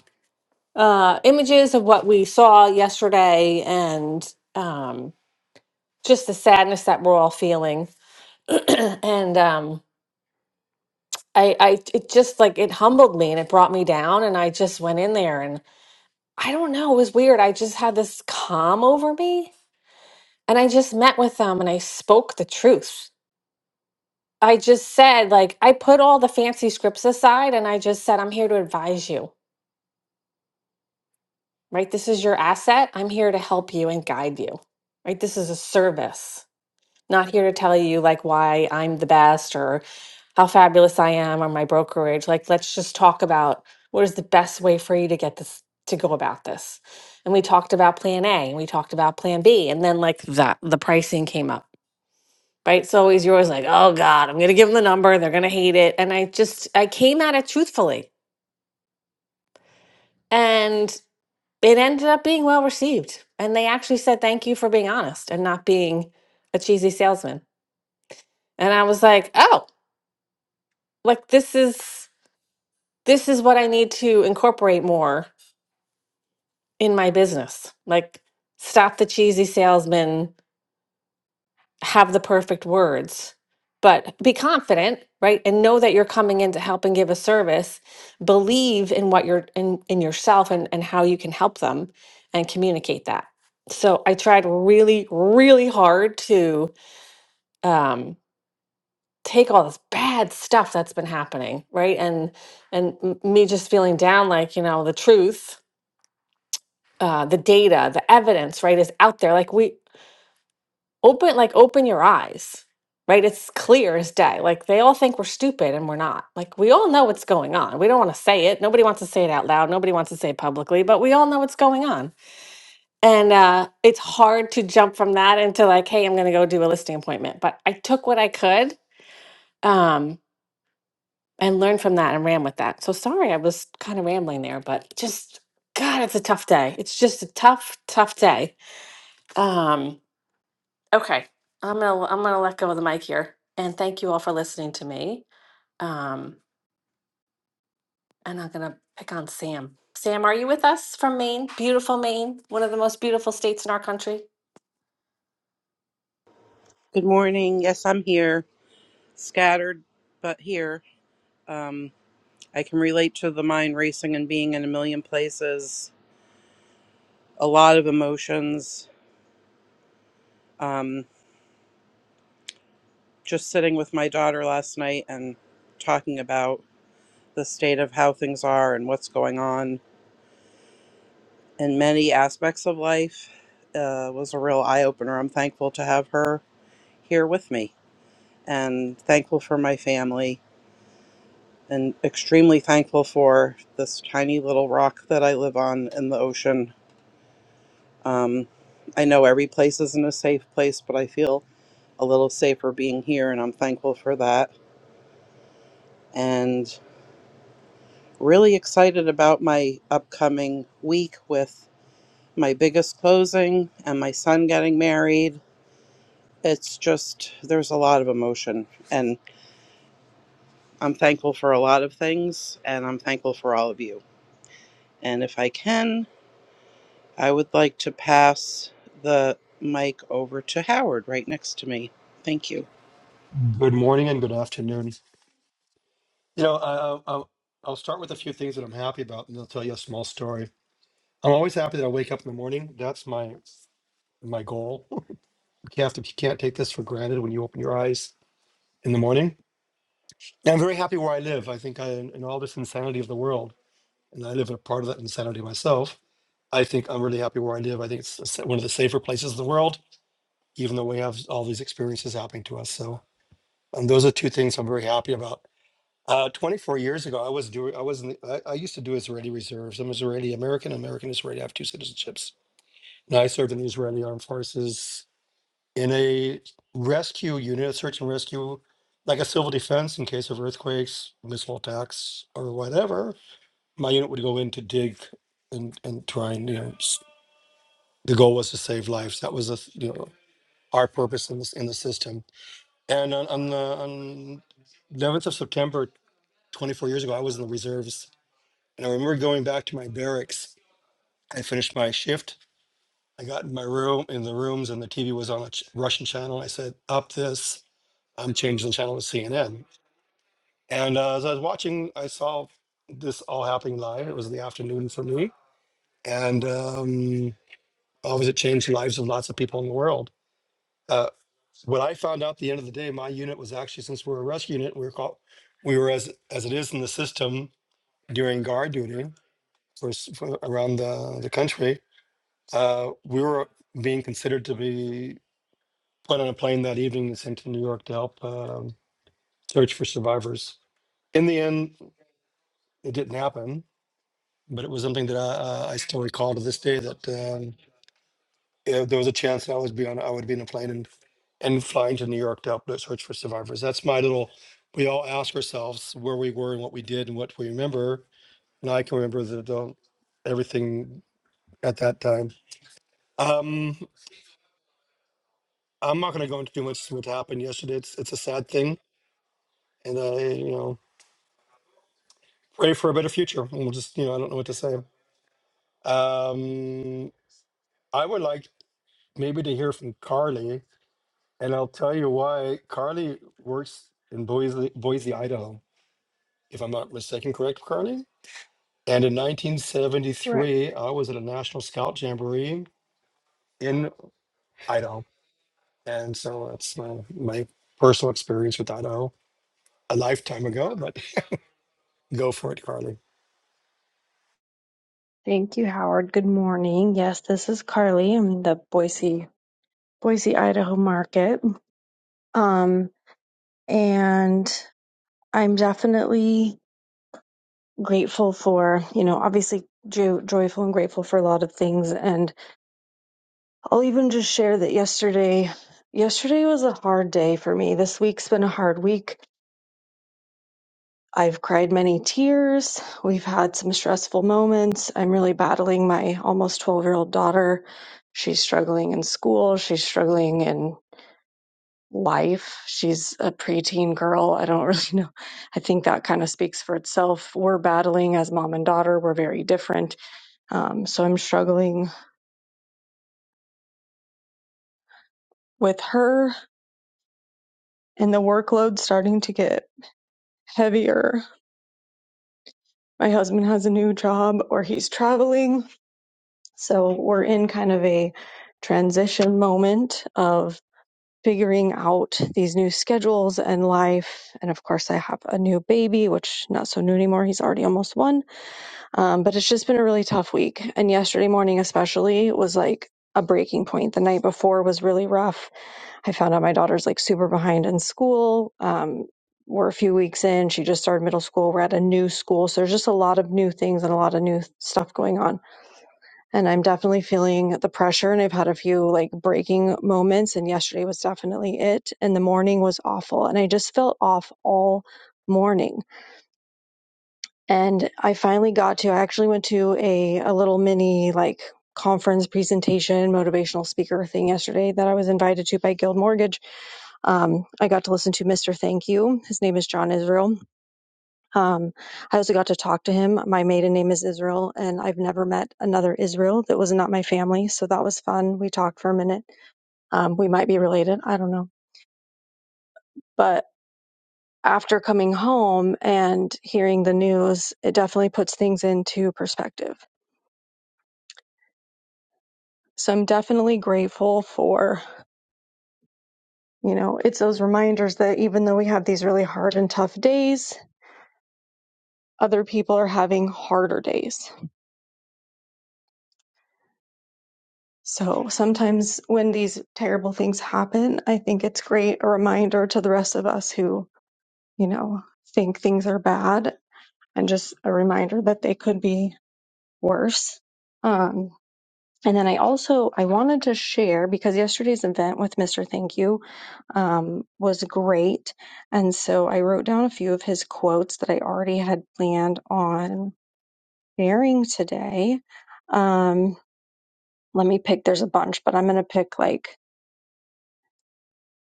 S4: uh, images of what we saw yesterday and um, just the sadness that we're all feeling. and um, I, I, it just like it humbled me and it brought me down. And I just went in there and I don't know, it was weird. I just had this calm over me and I just met with them and I spoke the truth. I just said, like, I put all the fancy scripts aside and I just said, I'm here to advise you, right? This is your asset. I'm here to help you and guide you, right? This is a service Not here to tell you like why I'm the best or how fabulous I am or my brokerage. Like, let's just talk about what is the best way for you to get this to go about this. And we talked about plan A and we talked about plan B. And then like that the pricing came up. Right. So always you're always like, oh God, I'm gonna give them the number, they're gonna hate it. And I just I came at it truthfully. And it ended up being well received. And they actually said thank you for being honest and not being a cheesy salesman. And I was like, oh, like this is this is what I need to incorporate more in my business. Like stop the cheesy salesman, have the perfect words, but be confident, right? And know that you're coming in to help and give a service. Believe in what you're in in yourself and and how you can help them and communicate that. So I tried really really hard to um take all this bad stuff that's been happening right and and m- me just feeling down like you know the truth uh the data the evidence right is out there like we open like open your eyes right it's clear as day like they all think we're stupid and we're not like we all know what's going on we don't want to say it nobody wants to say it out loud nobody wants to say it publicly but we all know what's going on and uh it's hard to jump from that into like hey i'm going to go do a listing appointment but i took what i could um and learned from that and ran with that. So sorry, I was kind of rambling there, but just God, it's a tough day. It's just a tough, tough day. Um, okay, I'm gonna I'm gonna let go of the mic here, and thank you all for listening to me. Um, and I'm gonna pick on Sam. Sam, are you with us from Maine? Beautiful Maine, one of the most beautiful states in our country.
S5: Good morning. Yes, I'm here, scattered, but here. Um, I can relate to the mind racing and being in a million places, a lot of emotions. Um, just sitting with my daughter last night and talking about the state of how things are and what's going on in many aspects of life uh, was a real eye opener. I'm thankful to have her here with me and thankful for my family and extremely thankful for this tiny little rock that I live on in the ocean. Um, I know every place isn't a safe place, but I feel a little safer being here, and I'm thankful for that. And really excited about my upcoming week with my biggest closing and my son getting married. It's just, there's a lot of emotion, and I'm thankful for a lot of things, and I'm thankful for all of you. And if I can, I would like to pass the mic over to Howard right next to me. Thank you.
S6: Good morning and good afternoon. You know, I, I, I'll I'll start with a few things that I'm happy about, and I'll tell you a small story. I'm always happy that I wake up in the morning. That's my my goal. You can't, have to, you can't take this for granted when you open your eyes in the morning. And I'm very happy where I live. I think I, in all this insanity of the world, and I live a part of that insanity myself. I think I'm really happy where I live. I think it's s- one of the safer places in the world, even though we have all these experiences happening to us. So, and those are two things I'm very happy about. Uh, 24 years ago, I was doing, I was in I, I used to do Israeli reserves. I'm Israeli American, American Israeli. I have two citizenships. And I served in the Israeli Armed Forces in a rescue unit, a search and rescue, like a civil defense in case of earthquakes, missile attacks, or whatever. My unit would go in to dig and, and try and, you know, s- the goal was to save lives. That was, a, you know, our purpose in, this, in the system. And on, on the on 11th of September, 24 years ago, I was in the reserves And I remember going back to my barracks. I finished my shift. I got in my room, in the rooms, and the TV was on a ch- Russian channel. I said, "Up this! I'm changing the channel to CNN." And uh, as I was watching, I saw this all happening live. It was in the afternoon for me, and um, obviously, it changed the lives of lots of people in the world. Uh, what I found out at the end of the day, my unit was actually since we are a rescue unit, we were called, we were as as it is in the system during guard duty for, s- for around the, the country Uh, we were being considered to be put on a plane that evening and sent to New York to help um, search for survivors. In the end, it didn't happen, but it was something that I, uh, I still recall to this day that um, if there was a chance that I would be on, I would be in a plane and and flying to New York to help search for survivors. That's my little. We all ask ourselves where we were and what we did and what we remember, and I can remember the, the everything at that time. Um, I'm not going to go into too much what happened yesterday. It's it's a sad thing, and I you know pray for a better future. And we'll just you know I don't know what to say. Um, I would like maybe to hear from Carly, and I'll tell you why. Carly works in Boise, Boise, Idaho, if I'm not mistaken. Correct, Carly. And in
S7: Correct.
S6: 1973, I was at a National Scout Jamboree in Idaho, and so that's my my personal experience with Idaho a lifetime ago. But go for it, Carly.
S7: Thank you, Howard. Good morning. Yes, this is Carly. I'm in the Boise, Boise, Idaho market. Um, and I'm definitely grateful for, you know, obviously jo- joyful and grateful for a lot of things. And I'll even just share that yesterday, yesterday was a hard day for me. This week's been a hard week. I've cried many tears. We've had some stressful moments. I'm really battling my almost 12 year old daughter. She's struggling in school. She's struggling in life. She's a preteen girl. I don't really know. I think that kind of speaks for itself. We're battling as mom and daughter. We're very different. Um, so I'm struggling with her and the workload starting to get heavier. My husband has a new job or he's traveling So we're in kind of a transition moment of figuring out these new schedules and life. And of course, I have a new baby, which not so new anymore. He's already almost one. Um, but it's just been a really tough week. And yesterday morning, especially, was like a breaking point. The night before was really rough. I found out my daughter's like super behind in school. Um, we're a few weeks in. She just started middle school. We're at a new school. So there's just a lot of new things and a lot of new stuff going on and I'm definitely feeling the pressure. And I've had a few like breaking moments, and yesterday was definitely it. And the morning was awful, and I just felt off all morning. And I finally got to. I actually went to a a little mini like conference presentation motivational speaker thing yesterday that I was invited to by Guild Mortgage. Um, I got to listen to Mr. Thank You. His name is John Israel um, I also got to talk to him. My maiden name is Israel, and I've never met another Israel that was not my family. So that was fun. We talked for a minute. Um, we might be related. I don't know. But after coming home and hearing the news, it definitely puts things into perspective. So I'm definitely grateful for, you know, it's those reminders that even though we have these really hard and tough days, other people are having harder days So sometimes when these terrible things happen, I think it's great a reminder to the rest of us who, you know, think things are bad and just a reminder that they could be worse. Um, and then I also I wanted to share because yesterday's event with Mr. Thank You um, was great, and so I wrote down a few of his quotes that I already had planned on sharing today. Um, let me pick. There's a bunch, but I'm going to pick like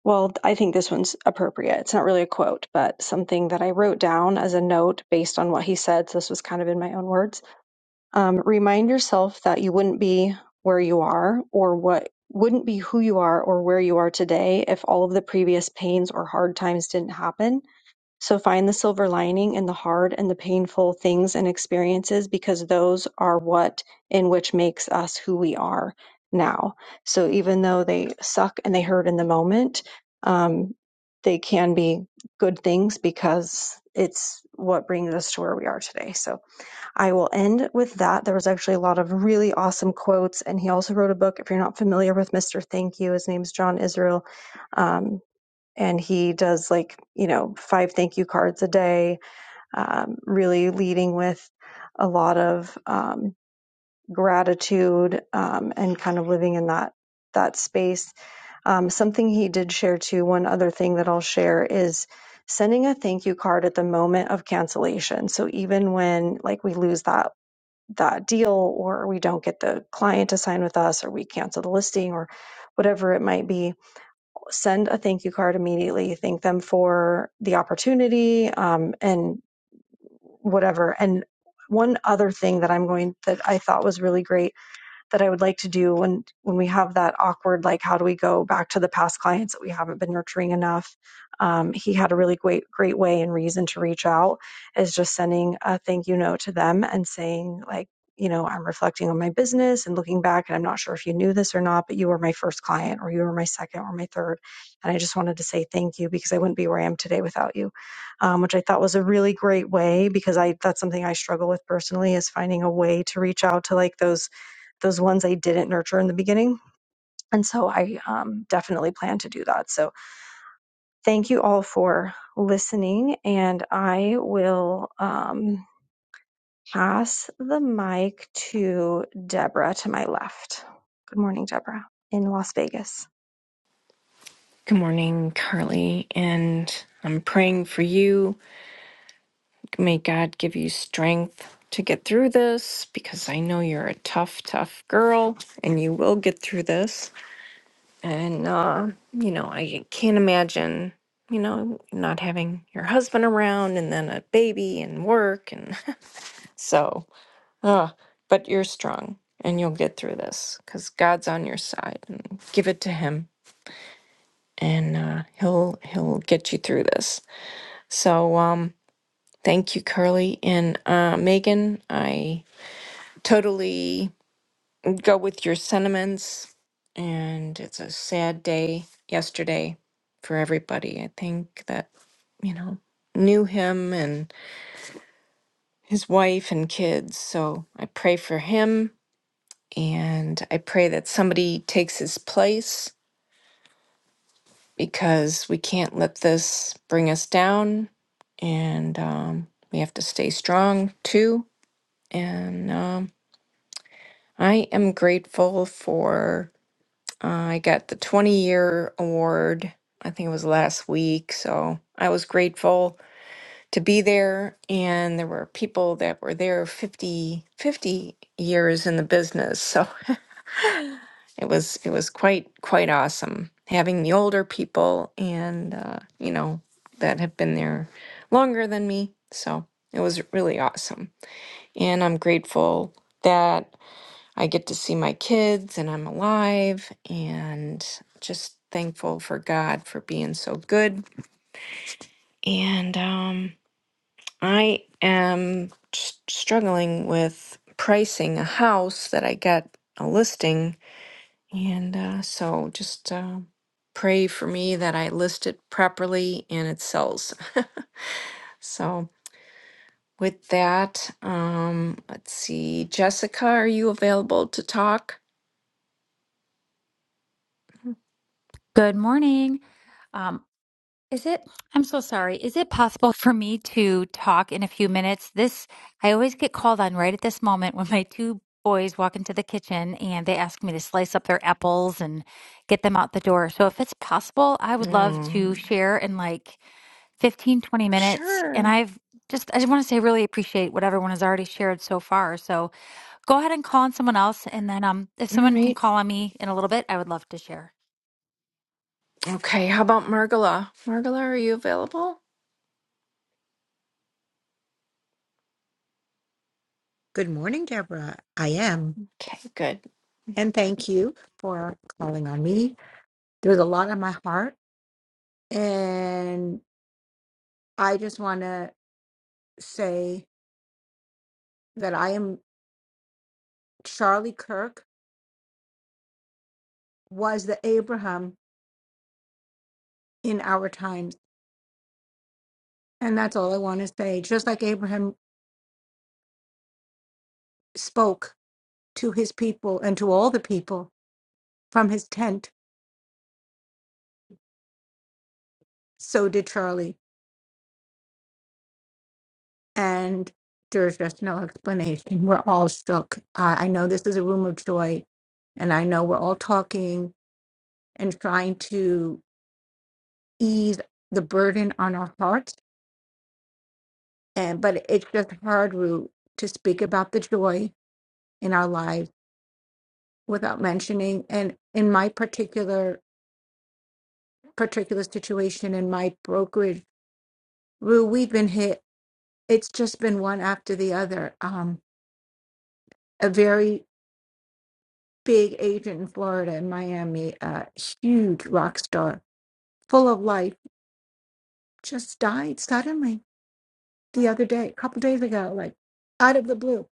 S7: Well, I think this one's appropriate. It's not really a quote, but something that I wrote down as a note based on what he said. So this was kind of in my own words. Um, remind yourself that you wouldn't be where you are or what wouldn't be who you are or where you are today if all of the previous pains or hard times didn't happen. So find the silver lining in the hard and the painful things and experiences because those are what in which makes us who we are now. So even though they suck and they hurt in the moment, um, they can be good things because it's what brings us to where we are today. So I will end with that. There was actually a lot of really awesome quotes, and he also wrote a book. If you're not familiar with Mr. Thank You, his name's John Israel. Um, and he does like you know five thank you cards a day um, really leading with a lot of um, gratitude um, and kind of living in that that space um, something he did share too one other thing that i'll share is sending a thank you card at the moment of cancellation so even when like we lose that that deal or we don't get the client to sign with us or we cancel the listing or whatever it might be send a thank you card immediately, thank them for the opportunity um, and whatever. And one other thing that I'm going that I thought was really great that I would like to do when when we have that awkward like how do we go back to the past clients that we haven't been nurturing enough. Um, he had a really great great way and reason to reach out is just sending a thank you note to them and saying like you know I'm reflecting on my business and looking back and I'm not sure if you knew this or not but you were my first client or you were my second or my third and I just wanted to say thank you because I wouldn't be where I am today without you um, which I thought was a really great way because I that's something I struggle with personally is finding a way to reach out to like those those ones I didn't nurture in the beginning. And so I um, definitely plan to do that. So thank you all for listening. And I will um, pass the mic to Deborah to my left. Good morning, Deborah, in Las Vegas.
S8: Good morning, Carly, and I'm praying for you. May God give you strength to get through this because I know you're a tough, tough girl and you will get through this. And, uh, you know, I can't imagine, you know, not having your husband around and then a baby and work. And so, uh, but you're strong and you'll get through this because God's on your side and give it to Him and uh, he'll he'll get you through this So um, thank you, Curly and uh, Megan. I totally go with your sentiments, and it's a sad day yesterday for everybody. I think that you know knew him and his wife and kids. So I pray for him, and I pray that somebody takes his place because we can't let this bring us down, and um, we have to stay strong too. And um, I am grateful for, uh, I got the 20 year award. I think it was last week. So I was grateful to be there. And there were people that were there 50, 50 years in the business. So it was, it was quite, quite awesome having the older people and, uh, you know, that have been there longer than me. So it was really awesome. And I'm grateful that. I get to see my kids and I'm alive and just thankful for God for being so good. And um, I am s- struggling with pricing a house that I got a listing. And uh, so just uh, pray for me that I list it properly and it sells. so with that, um, let's see. Jessica, are you available to talk?
S9: Good morning. Um, is it? I'm so sorry. Is it possible for me to talk in a few minutes? This I always get called on right at this moment when my two boys walk into the kitchen and they ask me to slice up their apples and get them out the door. So if it's possible, I would love to
S8: Mm,
S9: share in like 15, 20 minutes. And
S8: sure.
S9: I've just I just want to say I really appreciate what everyone has already shared so far. So go ahead and call on someone else, and then um, if
S8: All
S9: someone can
S8: right.
S9: call on me in a little bit, I would love to share.
S8: Okay. How about Margala? Margala, are you available?
S10: Good morning, Deborah. I am.
S8: Okay, good.
S10: And thank you for calling on me. There's a lot on my heart. And I just want to say that I am Charlie Kirk was the Abraham in our times. And that's all I want to say. Just like Abraham spoke to his people and to all the people from his tent, so did Charlie. and there's just no explanation. We're all shook. Uh, I know this is a room of joy, and I know we're all talking and trying to ease the burden on our hearts. And but it's just hard, Rue, to speak about the joy in our lives without mentioning. And in my particular particular situation in my brokerage, Rue, we've been hit. It's just been one after the other. Um, a very big agent in Florida and Miami, a huge rock star, full of life, just died suddenly the other day, a couple days ago, like out of the blue,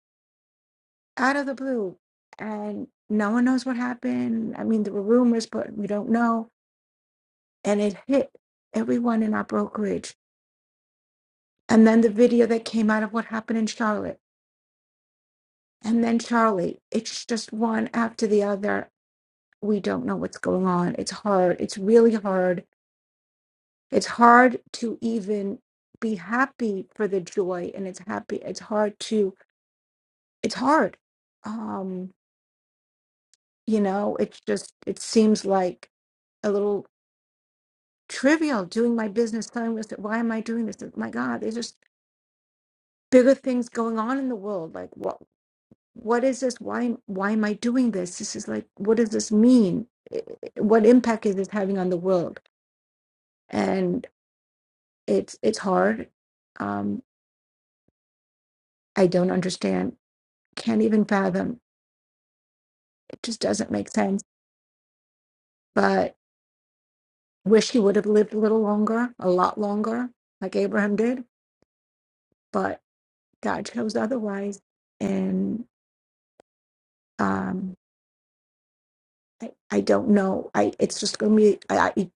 S10: out of the blue. And no one knows what happened. I mean, there were rumors, but we don't know. And it hit everyone in our brokerage. And then the video that came out of what happened in Charlotte. And then Charlie, it's just one after the other. We don't know what's going on. It's hard. It's really hard it's hard to even be happy for the joy and it's happy it's hard to it's hard um you know it's just it seems like a little trivial doing my business telling myself why am i doing this Oh my god there's just bigger things going on in the world like what what is this why am- why am i doing this this is like what does this mean I- I- what impact is this having on the world and it's it's hard um i don't understand can't even fathom just doesn't make sense. But wish he would have lived a little longer, a lot longer, like Abraham did. But God chose otherwise, and um, I, I don't know. I it's just gonna be. I, I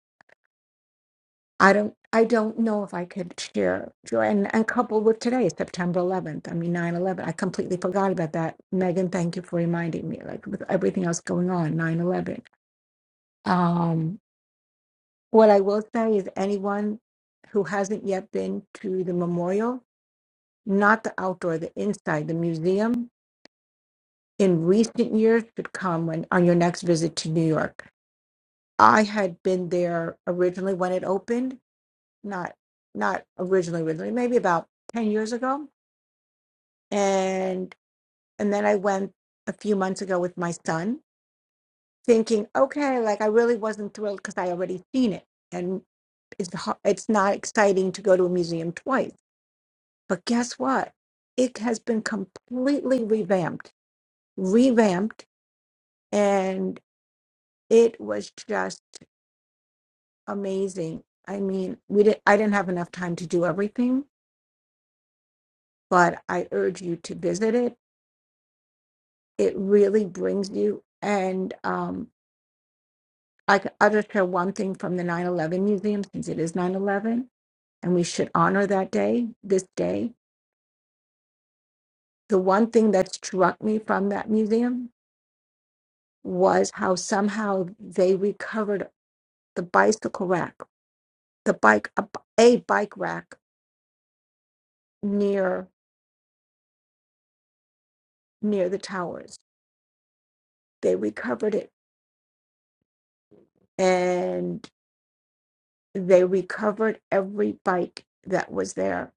S10: I don't. I don't know if I could share joy and, and coupled with today, September 11th. I mean, 9 11. I completely forgot about that. Megan, thank you for reminding me, like with everything else going on, 9 11. Um, what I will say is anyone who hasn't yet been to the memorial not the outdoor, the inside, the museum in recent years should come when on your next visit to New York. I had been there originally when it opened, not not originally, originally, maybe about ten years ago. And and then I went a few months ago with my son, thinking, okay, like I really wasn't thrilled because I already seen it, and it's ho- it's not exciting to go to a museum twice. But guess what? It has been completely revamped, revamped and it was just amazing. I mean, we did I didn't have enough time to do everything, but I urge you to visit it. It really brings you and um I c- I'll just share one thing from the 9/11 museum since it is 9/11 and we should honor that day, this day. The one thing that struck me from that museum was how somehow they recovered the bicycle rack, the bike a, b- a bike rack near near the towers They recovered it and they recovered every bike that was there.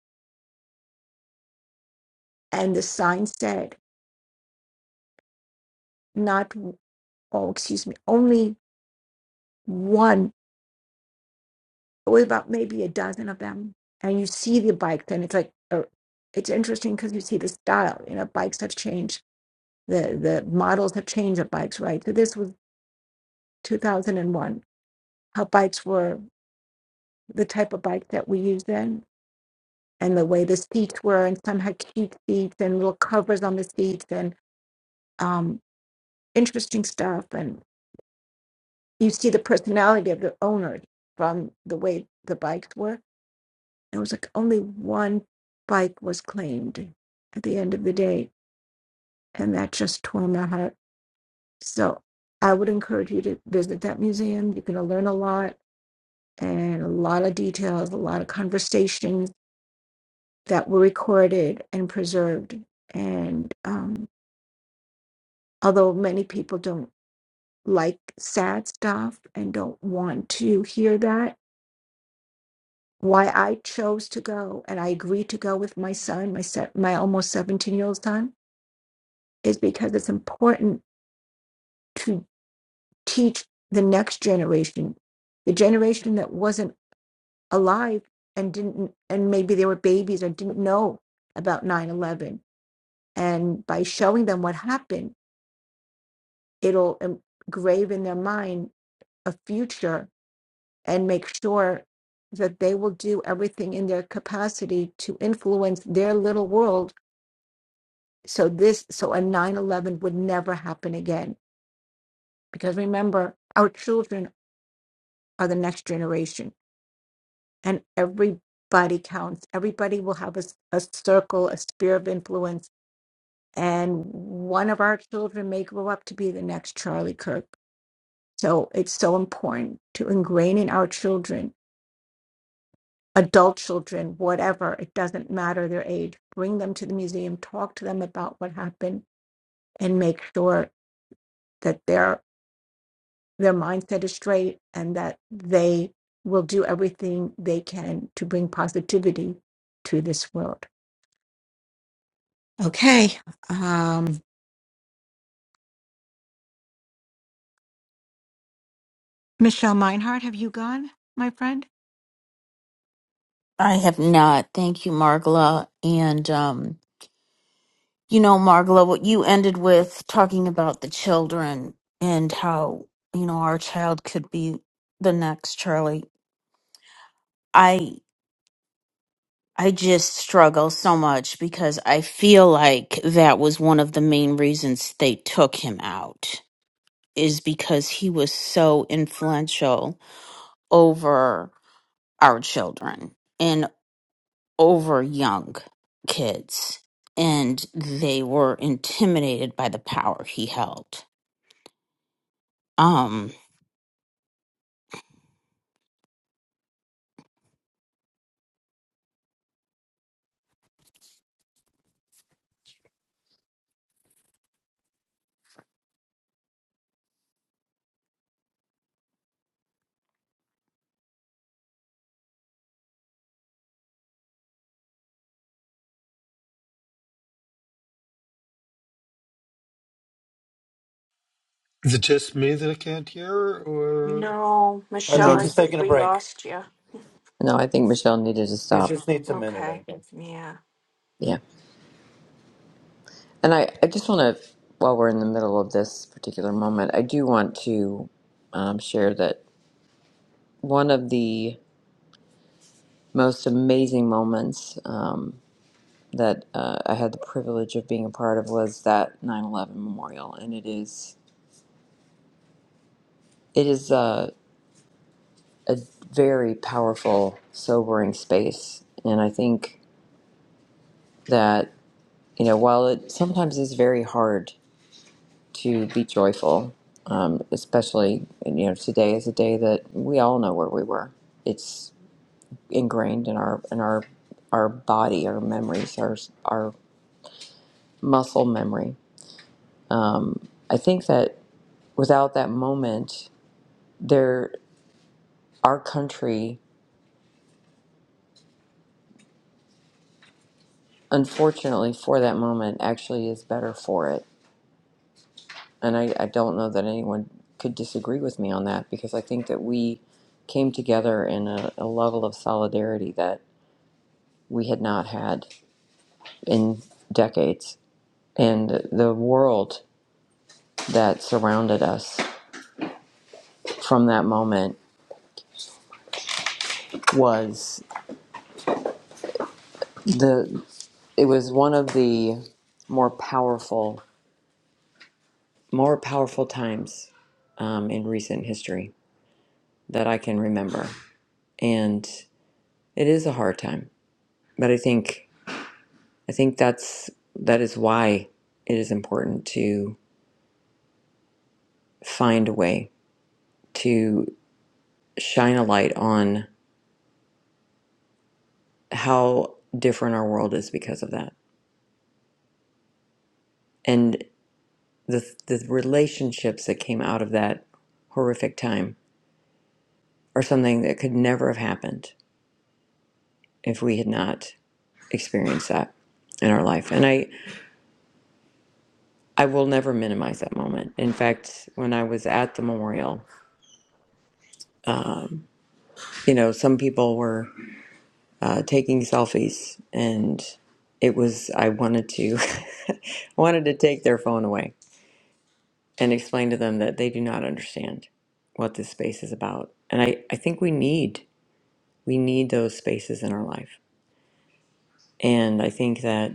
S10: And the sign said, not, oh, excuse me, only one, it was about maybe a dozen of them. And you see the bikes, and it's like, uh, it's interesting because you see the style, you know, bikes have changed, the, the models have changed of bikes, right? So this was 2001, how bikes were the type of bike that we used then and the way the seats were, and some had cute seats and little covers on the seats and um, interesting stuff. And you see the personality of the owners from the way the bikes were. And it was like only one bike was claimed at the end of the day, and that just tore my heart. So I would encourage you to visit that museum. You're going to learn a lot and a lot of details, a lot of conversations that were recorded and preserved. And um, although many people don't like sad stuff and don't want to hear that why i chose to go and i agreed to go with my son my se- my almost 17 year old son is because it's important to teach the next generation the generation that wasn't alive and didn't and maybe they were babies or didn't know about 9-11 and by showing them what happened it'll engrave in their mind a future and make sure that they will do everything in their capacity to influence their little world so this so a 9-11 would never happen again because remember our children are the next generation and everybody counts everybody will have a, s- a circle a sphere of influence and one of our children may grow up to be the next charlie kirk so it's so important to ingrain in our children adult children, whatever, it doesn't matter their age, bring them to the museum, talk to them about what happened, and make sure that their their mindset is straight and that they will do everything they can to bring positivity to this world. Okay. Um, Michelle Meinhardt, have you gone, my friend?
S11: I have not. Thank you, Margla. And, um, you know, Margla, what you ended with talking about the children and how, you know, our child could be the next Charlie. I, I just struggle so much because I feel like that was one of the main reasons they took him out is because he was so influential over our children. over young kids and they were intimidated by the power he held. Um
S6: Is it just me that I can't hear, or
S8: No,
S12: I
S1: No,
S8: Michelle,
S12: think
S8: I
S1: I-
S12: he's taking
S8: think
S12: a
S8: we
S12: break.
S8: lost you.
S1: no, I think Michelle needed to
S12: He
S1: stop.
S12: just needs a minute, I
S8: Okay.
S12: think.
S8: Yeah.
S1: Yeah. And I, I just want to, while we're in the middle of this particular moment, I do want to um, share that one of the most amazing moments um, that uh, I had the privilege of being a part of was that 9 11 memorial. And it is, it is a, a very powerful, sobering space. And I think. that. you know, while it sometimes is very hard to be joyful, um, especially you know today is a day that we all know where we were. It's ingrained in our in our our body, our memories, our our muscle memory. Um, I think that without that moment, there our country, unfortunately, for that moment, actually is better for it And I, I don't know that anyone could disagree with me on that because I think that we came together in a, a level of solidarity that we had not had in decades. And the world that surrounded us from that moment was the it was one of the more powerful more powerful times um, in recent history that I can remember. And it is a hard time. But I think I think that's that is why it is important to find a way to shine a light on how different our world is because of that, and the the relationships that came out of that horrific time are something that could never have happened if we had not experienced that in our life, and I I will never minimize that moment. In fact, when I was at the memorial, you know, some people were. uh, taking selfies, and it was I wanted to I wanted to take their phone away and explain to them that they do not understand what this space is about. And I, I think we need we need those spaces in our life. And I think that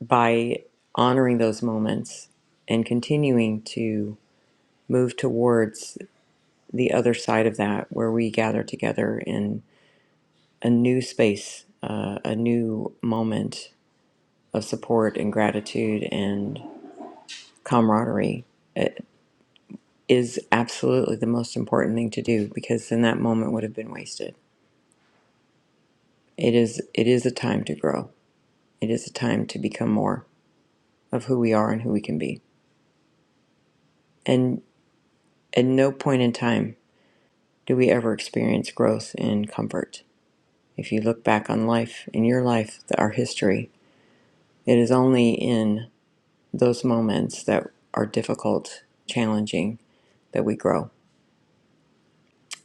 S1: by honoring those moments and continuing to move towards the other side of that, where we gather together in a new space, uh, a new moment of support and gratitude and camaraderie uh, is absolutely the most important thing to do because then that moment would have been wasted. It is it is a time to grow. It is a time to become more of who we are and who we can be. And at no point in time do we ever experience growth in comfort. If you look back on life, in your life, our history, it is only in those moments that are difficult, challenging, that we grow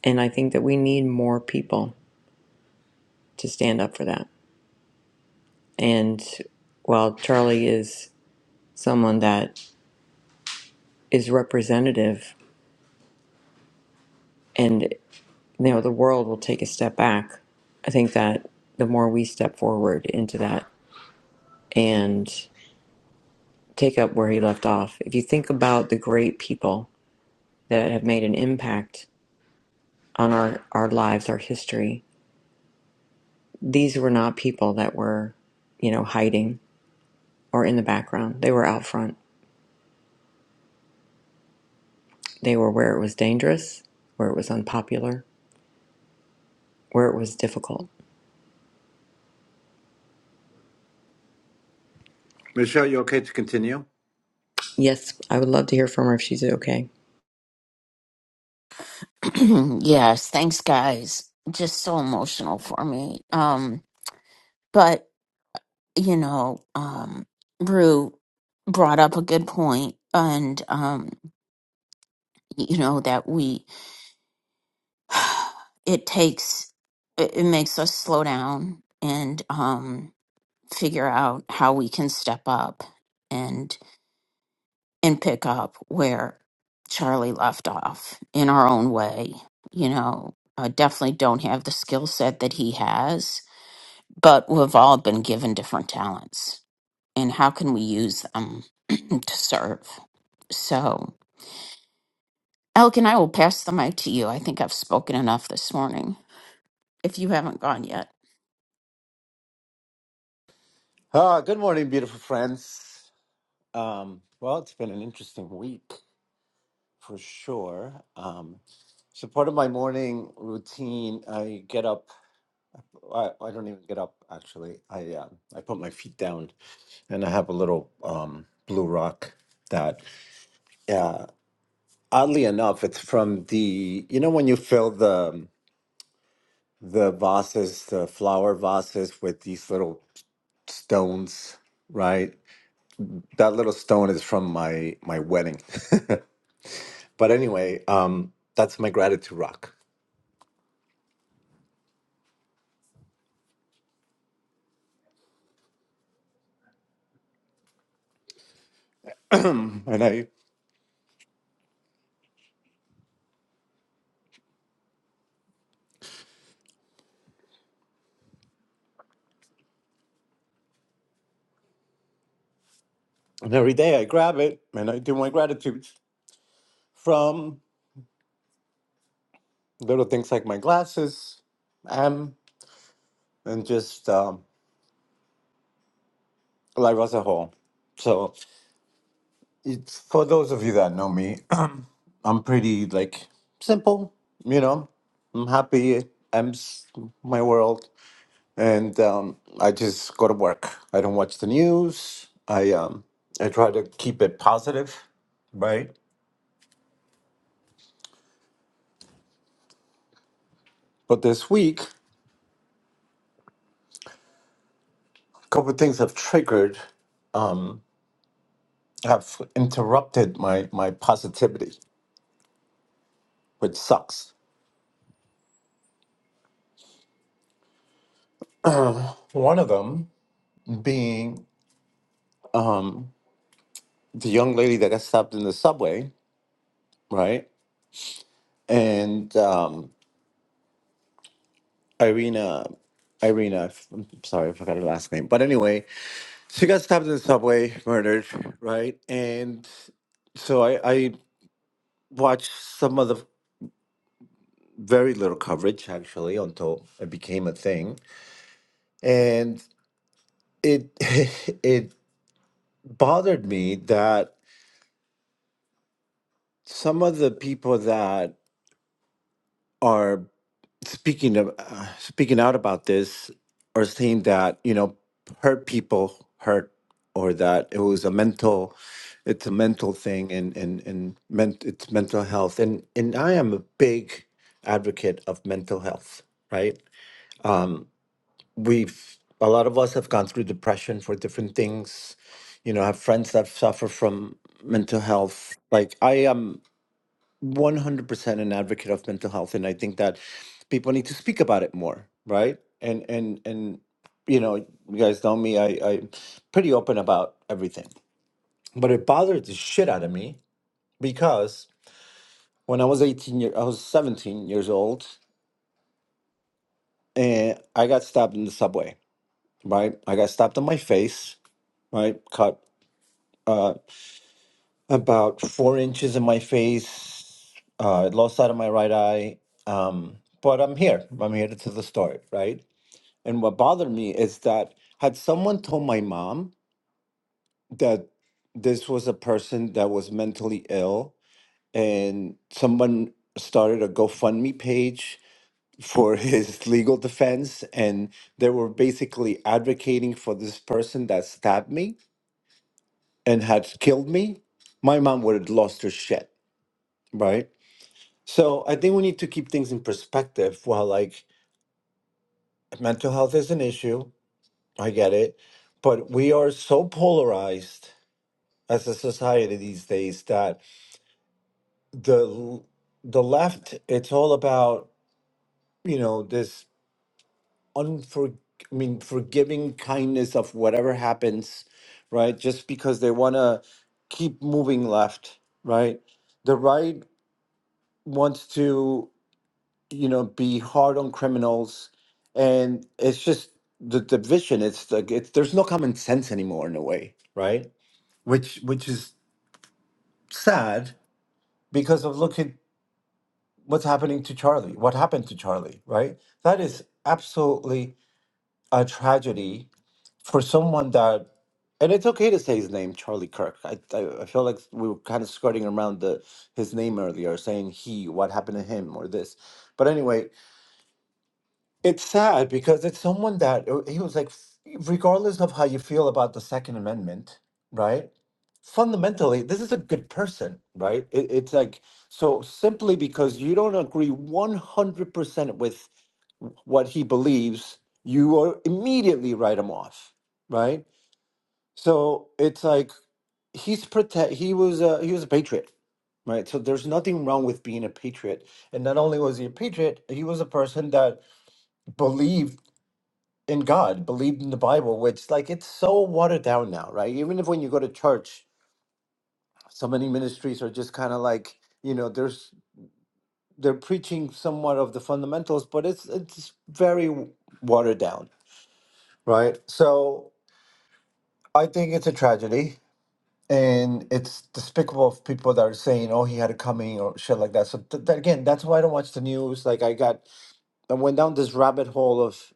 S1: And I think that we need more people to stand up for that. And while Charlie is someone that is representative and you know the world will take a step back, I think that the more we step forward into that and take up where he left off. If you think about the great people that have made an impact on our, our lives, our history, these were not people that were, you know, hiding or in the background. They were out front They were where it was dangerous, where it was unpopular, where it was difficult.
S12: Michelle, you okay to continue?
S1: Yes, I would love to hear from her if she's okay.
S11: yes, thanks guys. Just so emotional for me. Um but you know, um Rue brought up a good point and um you know that we it takes it, it makes us slow down and um figure out how we can step up and pick up where Charlie left off in our own way. You know, I definitely don't have the skill set that he has, but we've all been given different talents. And how can we use them to serve? So, Alec and I will pass the mic to you. I think I've spoken enough this morning if you haven't gone yet.
S12: Ah, good morning, beautiful friends. Um, well, it's been an interesting week for sure. Um, so part of my morning routine, I get up. I, I don't even get up actually. I uh, I put my feet down and I have a little um, blue rock that, uh, oddly enough, it's from the you know when you fill the the vases, the flower vases with these little stones, right? That little stone is from my my wedding. but anyway, um, that's my gratitude rock, and I and every day I grab it and I do my gratitudes from little things like my glasses, um, and just um, life as a whole. So it's for those of you that know me, I'm pretty like simple, you know. I'm happy. I'm s- my world and um, I just go to work. I don't watch the news. I um, I try to keep it positive, right? But this week, a couple of things have triggered, um, have interrupted my my positivity, which sucks. One of them being um, the young lady that got stopped in the subway, right? And um, Irina, Irina, I'm sorry, I forgot her last name. But anyway, She got stabbed in the subway, murdered, right? And so I, I watched some of the very little coverage actually until it became a thing, and it it bothered me that some of the people that are speaking of uh, speaking out about this or saying that you know hurt people hurt or that it was a mental it's a mental thing and and and ment- it's mental health and and i am a big advocate of mental health right um we've a lot of us have gone through depression for different things you know I have friends that suffer from mental health like i am 100% an advocate of mental health and i think that people need to speak about it more right and and and you know you guys know me i i'm pretty open about everything but it bothered the shit out of me because when i was 18 year i was 17 years old and i got stabbed in the subway right i got stabbed in my face right cut Uh, about four inches in my face, uh, I lost sight of my right eye. Um, but I'm here. I'm here to the story, right? And what bothered me is that had someone told my mom that this was a person that was mentally ill, and someone started a GoFundMe page for his legal defense, and they were basically advocating for this person that stabbed me and had killed me, my mom would have lost her shit, right? So I think we need to keep things in perspective. Well, like mental health is an issue, I get it, but we are so polarized as a society these days that the the left it's all about you know this unfor I mean forgiving kindness of whatever happens, right? Just because they want to keep moving left, right? The right wants to. you know, be hard on criminals, and it's just the division. It's like it's there's no common sense anymore in a way, right? Which which is sad because of look at what's happening to Charlie. What happened to Charlie, right? That is absolutely a tragedy for someone that. And it's okay to say his name, Charlie Kirk. I, I I feel like we were kind of skirting around the his name earlier, saying he, what happened to him, or this. But anyway, It's sad because it's someone that uh, he was like, f- regardless of how you feel about the Second Amendment, right? Fundamentally, this is a good person, right? It, it's like, so simply because you don't agree 100% with what he believes, you are immediately write him off, right? So it's like, he's protect, he was a, he was a patriot, right? So there's nothing wrong with being a patriot. And not only was he a patriot, he was a person that believed in God, believed in the Bible, which like it's so watered down now, right? Even if when you go to church, so many ministries are just kind of like you know, there's they're preaching somewhat of the fundamentals, but it's it's very w- watered down, right? So I think it's a tragedy. And it's despicable of people that are saying, "Oh, he had a coming" or shit like that. So th- that, again, that's why I don't watch the news. Like I got I went down this rabbit hole of,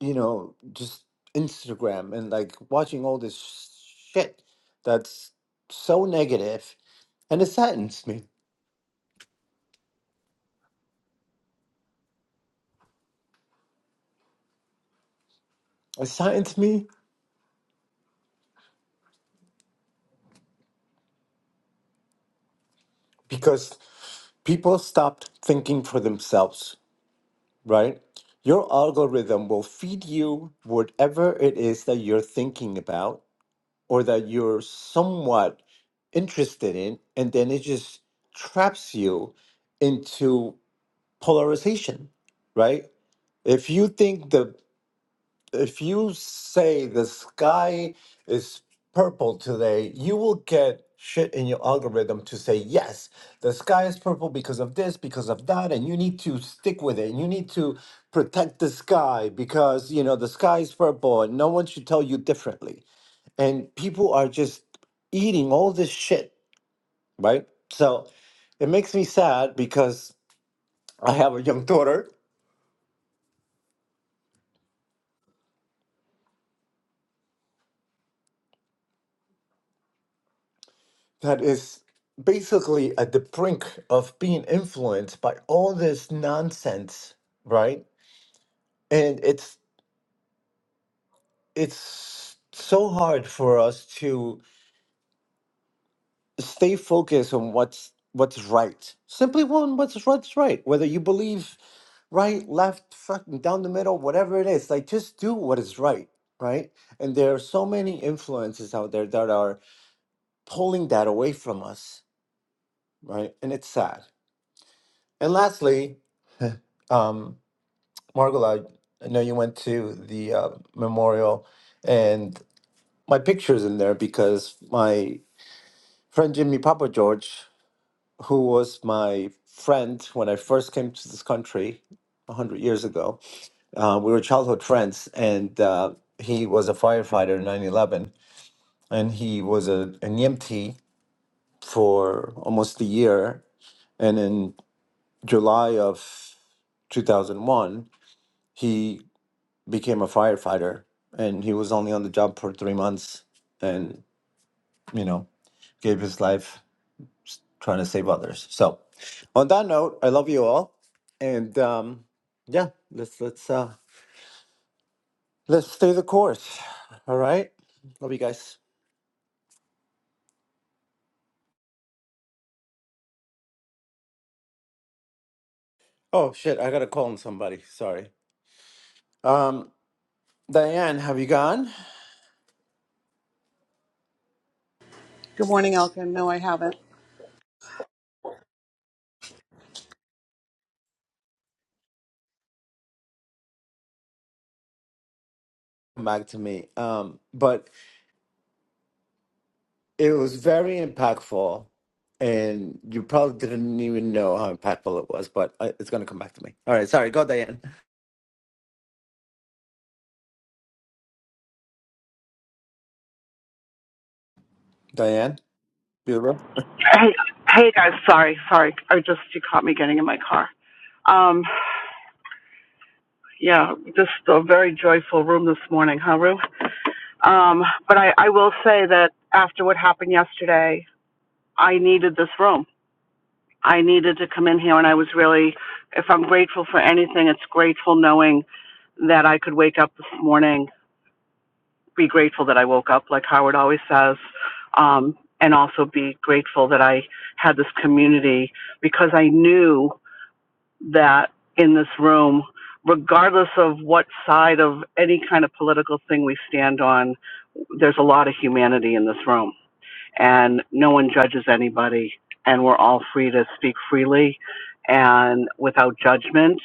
S12: you know, just Instagram and like watching all this shit that's so negative, and it saddens me. It saddens me because people stopped thinking for themselves, right? Your algorithm will feed you whatever it is that you're thinking about or that you're somewhat interested in, and then it just traps you into polarization right? If you think the if you say the sky is purple today, you will get shit in your algorithm to say yes, the sky is purple because of this, because of that, and you need to stick with it. And you need to protect the sky because you know the sky is purple and no one should tell you differently. And people are just eating all this shit, right? So it makes me sad because I have a young daughter that is basically at the brink of being influenced by all this nonsense, right? And it's it's so hard for us to stay focused on what's what's right. Simply one what's what's right. Whether you believe right, left, fucking down the middle, whatever it is, like just do what is right, right? And there are so many influences out there that are pulling that away from us, right? And it's sad. And lastly, um. Margola, I know you went to the uh, memorial, and my picture's in there because my friend Jimmy Papa George, who was my friend when I first came to this country 100 years ago, uh, we were childhood friends, and uh, he was a firefighter in 9 11, and he was a, an EMT for almost a year. And in July of 2001, he became a firefighter and he was only on the job for three months and you know gave his life trying to save others so on that note i love you all and um yeah let's let's uh let's stay the course all right love you guys oh shit i gotta call on somebody sorry um diane have you gone
S13: Good morning, Elkin. No, I haven't.
S12: come back to me um but It was very impactful, and you probably didn't even know how impactful it was, but I, it's going to come back to me. All right, sorry, go, Diane. Diane, Bureau.
S13: Hey, hey guys, sorry, sorry. I just you caught me getting in my car. Um, yeah, just a very joyful room this morning, huh, Rue? Um, but I, I will say that after what happened yesterday, I needed this room. I needed to come in here, and I was really, if I'm grateful for anything, it's grateful knowing that I could wake up this morning be grateful that I woke up, like Howard always says, um, and also be grateful that I had this community because I knew that in this room, regardless of what side of any kind of political thing we stand on, there's a lot of humanity in this room and no one judges anybody and we're all free to speak freely and without judgment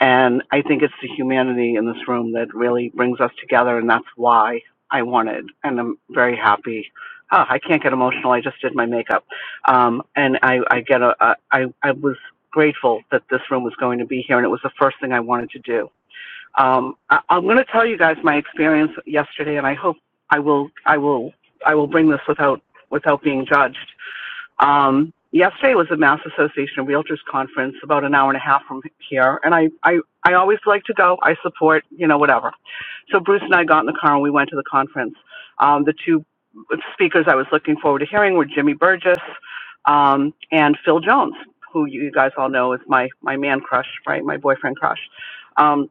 S13: and i think it's the humanity in this room that really brings us together and that's why i wanted and i'm very happy oh, i can't get emotional i just did my makeup um, and i i get a, a I, I was grateful that this room was going to be here and it was the first thing i wanted to do um, I, I'm going to tell you guys my experience yesterday, and I hope I will I will I will bring this without without being judged. Um, yesterday was the Mass Association of Realtors conference, about an hour and a half from here, and I I I always like to go. I support you know whatever. So Bruce and I got in the car and we went to the conference. Um, the two speakers I was looking forward to hearing were Jimmy Burgess um, and Phil Jones, who you guys all know is my my man crush, right? My boyfriend crush. Um,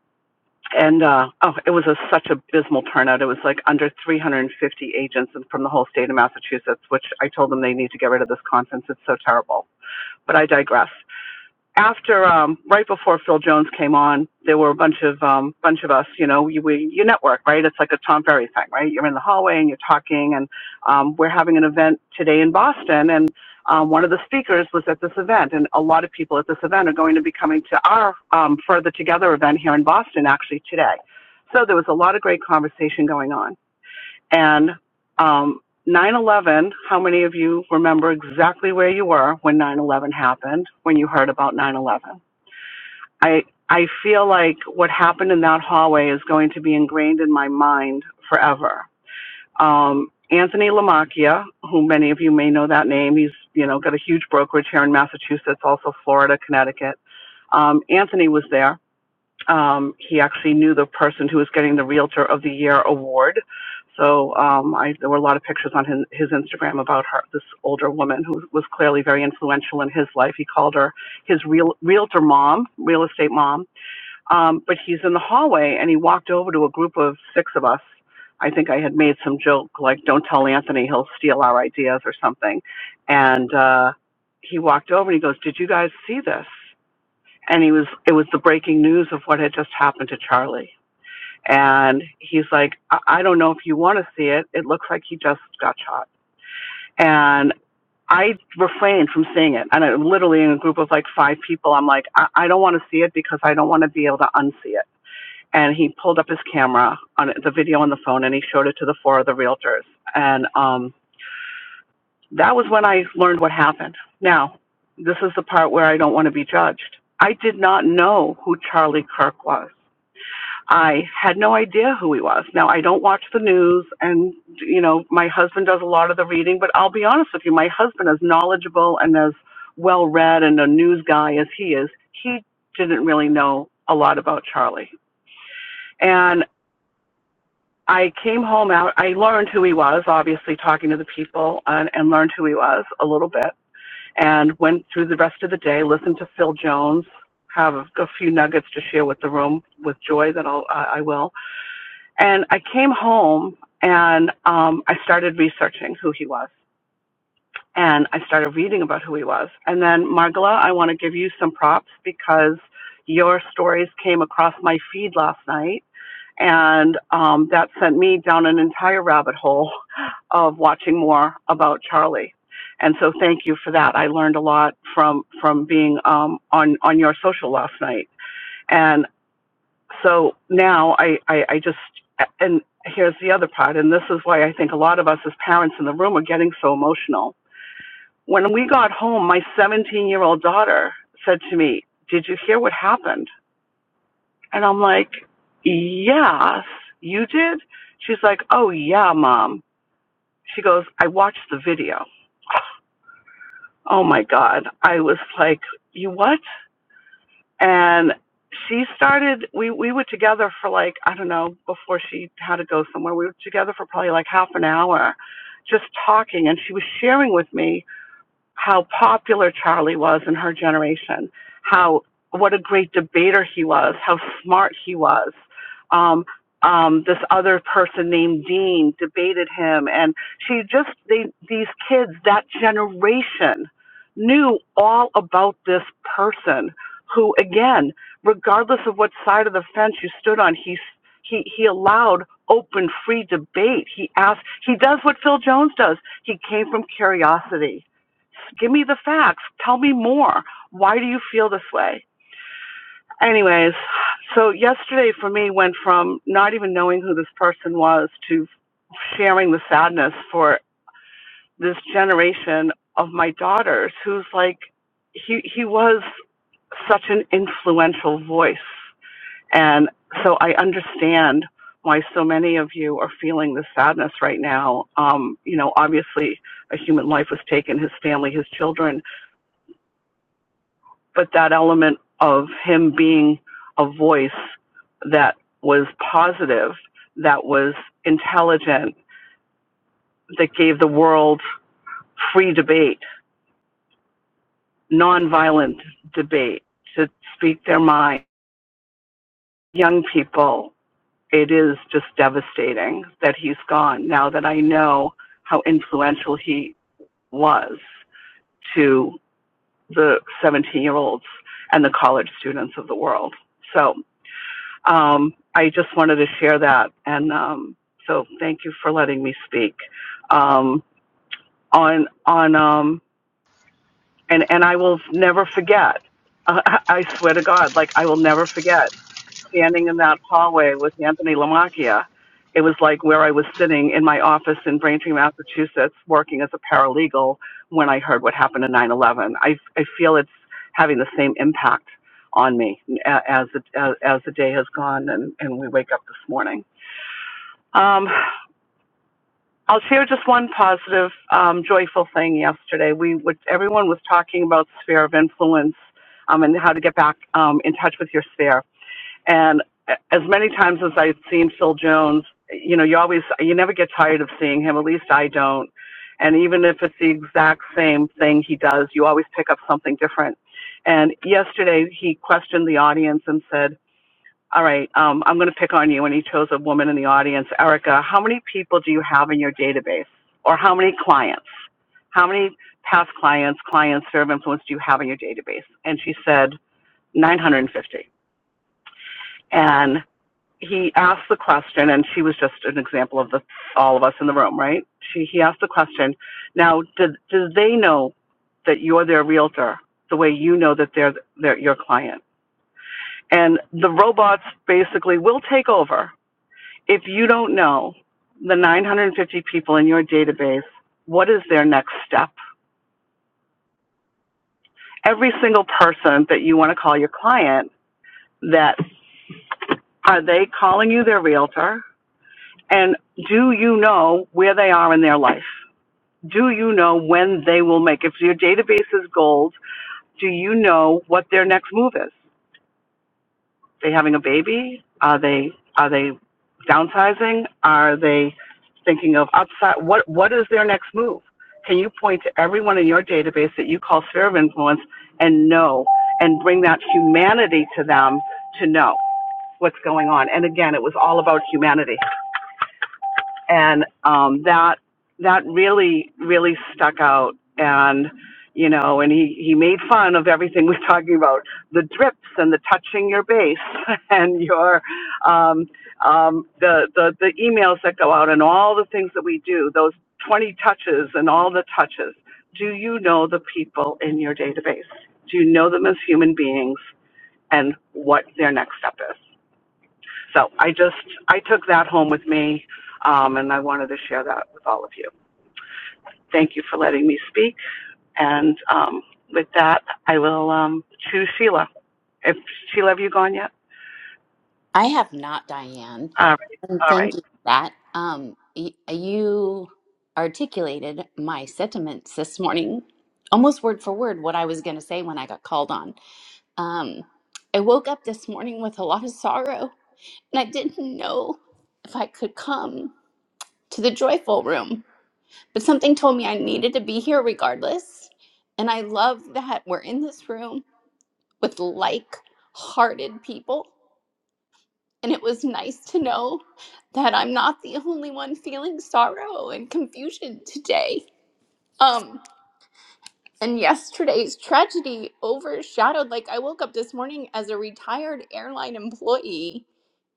S13: and uh, oh, it was a, such abysmal turnout. It was like under 350 agents and from the whole state of Massachusetts, which I told them they need to get rid of this conference. It's so terrible. But I digress after um right before Phil Jones came on, there were a bunch of um bunch of us, you know, you we you network, right? It's like a Tom Ferry thing, right? You're in the hallway and you're talking and um we're having an event today in Boston and um, one of the speakers was at this event and a lot of people at this event are going to be coming to our um, further together event here in Boston actually today. So there was a lot of great conversation going on. And um, 9 eleven, how many of you remember exactly where you were when nine eleven happened? When you heard about nine eleven, I I feel like what happened in that hallway is going to be ingrained in my mind forever. Um, Anthony Lamacchia, who many of you may know that name, he's you know got a huge brokerage here in Massachusetts, also Florida, Connecticut. Um, Anthony was there um, he actually knew the person who was getting the Realtor of the Year award. So um, I, there were a lot of pictures on his, his Instagram about her, this older woman who was clearly very influential in his life. He called her his real, realtor mom, real estate mom. Um, but he's in the hallway and he walked over to a group of six of us. I think I had made some joke like, "Don't tell Anthony, he'll steal our ideas" or something. And uh, he walked over and he goes, "Did you guys see this?" and he was it was the breaking news of what had just happened to charlie and he's like i, I don't know if you want to see it it looks like he just got shot and i refrained from seeing it and I, literally in a group of like five people i'm like i, I don't want to see it because i don't want to be able to unsee it and he pulled up his camera on it- the video on the phone and he showed it to the four of the realtors and um that was when i learned what happened now this is the part where i don't want to be judged i did not know who charlie kirk was I had no idea who he was. Now I don't watch the news and you know, my husband does a lot of the reading, but I'll be honest with you, my husband as knowledgeable and as well read and a news guy as he is, he didn't really know a lot about Charlie. And I came home out I learned who he was, obviously talking to the people and, and learned who he was a little bit and went through the rest of the day, listened to Phil Jones, have a, a few nuggets to share with the room with joy that I'll I I will. And I came home and um, I started researching who he was. And I started reading about who he was. And then, Margala, I want to give you some props because your stories came across my feed last night. And um, that sent me down an entire rabbit hole of watching more about Charlie. And so, thank you for that. I learned a lot from from being um, on on your social last night. and so now I, I, I just, and here's the other part, and this is why I think a lot of us as parents in the room are getting so emotional. When we got home, my 17 year old daughter said to me, Did you hear what happened? And I'm like, Yes, you did? She's like, Oh, yeah, mom. She goes, I watched the video. Oh my God. I was like, You what? and she started we we were together for like i don't know before she had to go somewhere we were together for probably like half an hour just talking and she was sharing with me how popular Charlie was in her generation, how what a great debater he was, how smart he was. Um, um, this other person named Dean debated him, and she just they these kids that generation knew all about this person who again regardless of what side of the fence you stood on he he he allowed open free debate he asked he does what phil jones does he came from curiosity Give me the facts. Tell me more. Why do you feel this way? Anyways, so yesterday for me went from not even knowing who this person was to sharing the sadness for this generation of my daughters who's like he he was such an influential voice and so I understand why so many of you are feeling this sadness right now. Um, you know, obviously a human life was taken, his family, his children, but that element of him being a voice that was positive, that was intelligent, that gave the world free debate, nonviolent debate to speak their mind. Young people, it is just devastating that he's gone now that I know how influential he was to the 17 year olds and the college students of the world. So um, I just wanted to share that, and um, so thank you for letting me speak um, on on um, and and I will never forget. Uh, I I swear to God, like I will never forget standing in that hallway with Anthony Lamacchia. It was like where I was sitting in my office in Braintree, Massachusetts, working as a paralegal when I heard what happened in nine eleven. I I feel it's having the same impact on me a- as the as, as the day has gone and, and we wake up this morning. Um, I'll share just one positive, um, joyful thing yesterday. We would, everyone was talking about sphere of influence um, and how to get back um, in touch with your sphere. And a- as many times as I've seen Phil Jones, you know, you always, you never get tired of seeing him. At least I don't. And even if it's the exact same thing he does, you always pick up something different. And yesterday he questioned the audience and said, all right, um, I'm going to pick on you. And he chose a woman in the audience. Erica, how many people do you have in your database, or how many clients? How many past clients, clients, sphere of influence do you have in your database? And she said 950. And he asked the question, and she was just an example of the all of us in the room, right? She he asked the question. Now, do do they know that you're their realtor the way you know that they're, they're your client? And the robots basically will take over if you don't know the 950 people in your database, what is their next step? Every single person that you want to call your client, that are they calling you their realtor? And do you know where they are in their life? Do you know when they will make? If your database is gold, do you know what their next move is? they having a baby? Are they are they downsizing? Are they thinking of upside? What what is their next move? Can you point to everyone in your database that you call sphere of influence and know and bring that humanity to them to know what's going on? And again, it was all about humanity and um, that that really really stuck out and you know and he he made fun of everything we're talking about the drips and the touching your base and your um, um, the, the the emails that go out and all the things that we do those 20 touches and all the touches do you know the people in your database do you know them as human beings and what their next step is so I just I took that home with me, um, and I wanted to share that with all of you. Thank you for letting me speak. And um, with that, I will um, choose Sheila. If Sheila, have you gone yet?
S14: I have not, Diane.
S13: All right.
S14: And
S13: All right.
S14: thank you for that. Um, y- you articulated my sentiments this morning, almost word for word, what I was going to say when I got called on. Um, I woke up this morning with a lot of sorrow, and I didn't know if I could come to the joyful room, but something told me I needed to be here regardless. And I love that we're in this room with like hearted people And it was nice to know that I'm not the only one feeling sorrow and confusion today. Um, and yesterday's tragedy overshadowed, like, I woke up this morning as a retired airline employee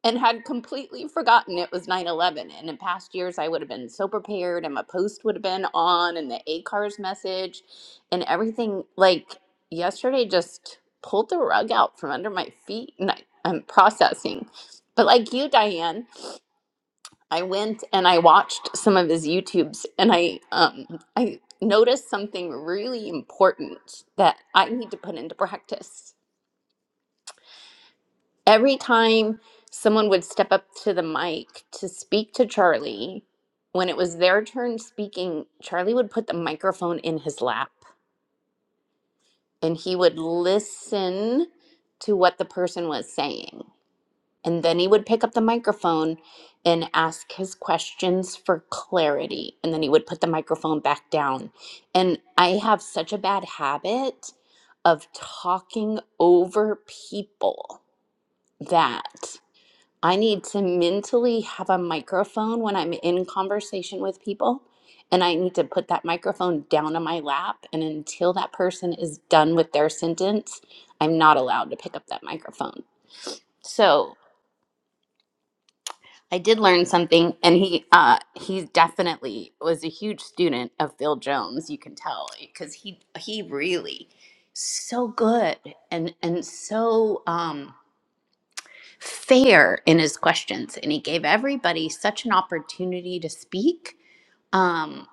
S14: and had completely forgotten it was 9 11. And in past years, I would have been so prepared, and my post would have been on, and the ACARS message, and everything. Like, yesterday just pulled the rug out from under my feet, and I, I'm processing. But, like you, Diane, I went and I watched some of his YouTubes and I um I noticed something really important that I need to put into practice. Every time someone would step up to the mic to speak to Charlie, when it was their turn speaking, Charlie would put the microphone in his lap and he would listen to what the person was saying. And then he would pick up the microphone and ask his questions for clarity. And then he would put the microphone back down. And I have such a bad habit of talking over people that I need to mentally have a microphone when I'm in conversation with people. And I need to put that microphone down on my lap. And until that person is done with their sentence, I'm not allowed to pick up that microphone. So, I did learn something, and he uh, he definitely was a huge student of Phil Jones. You can tell because he he really so good and and so um, fair in his questions, and he gave everybody such an opportunity to speak um,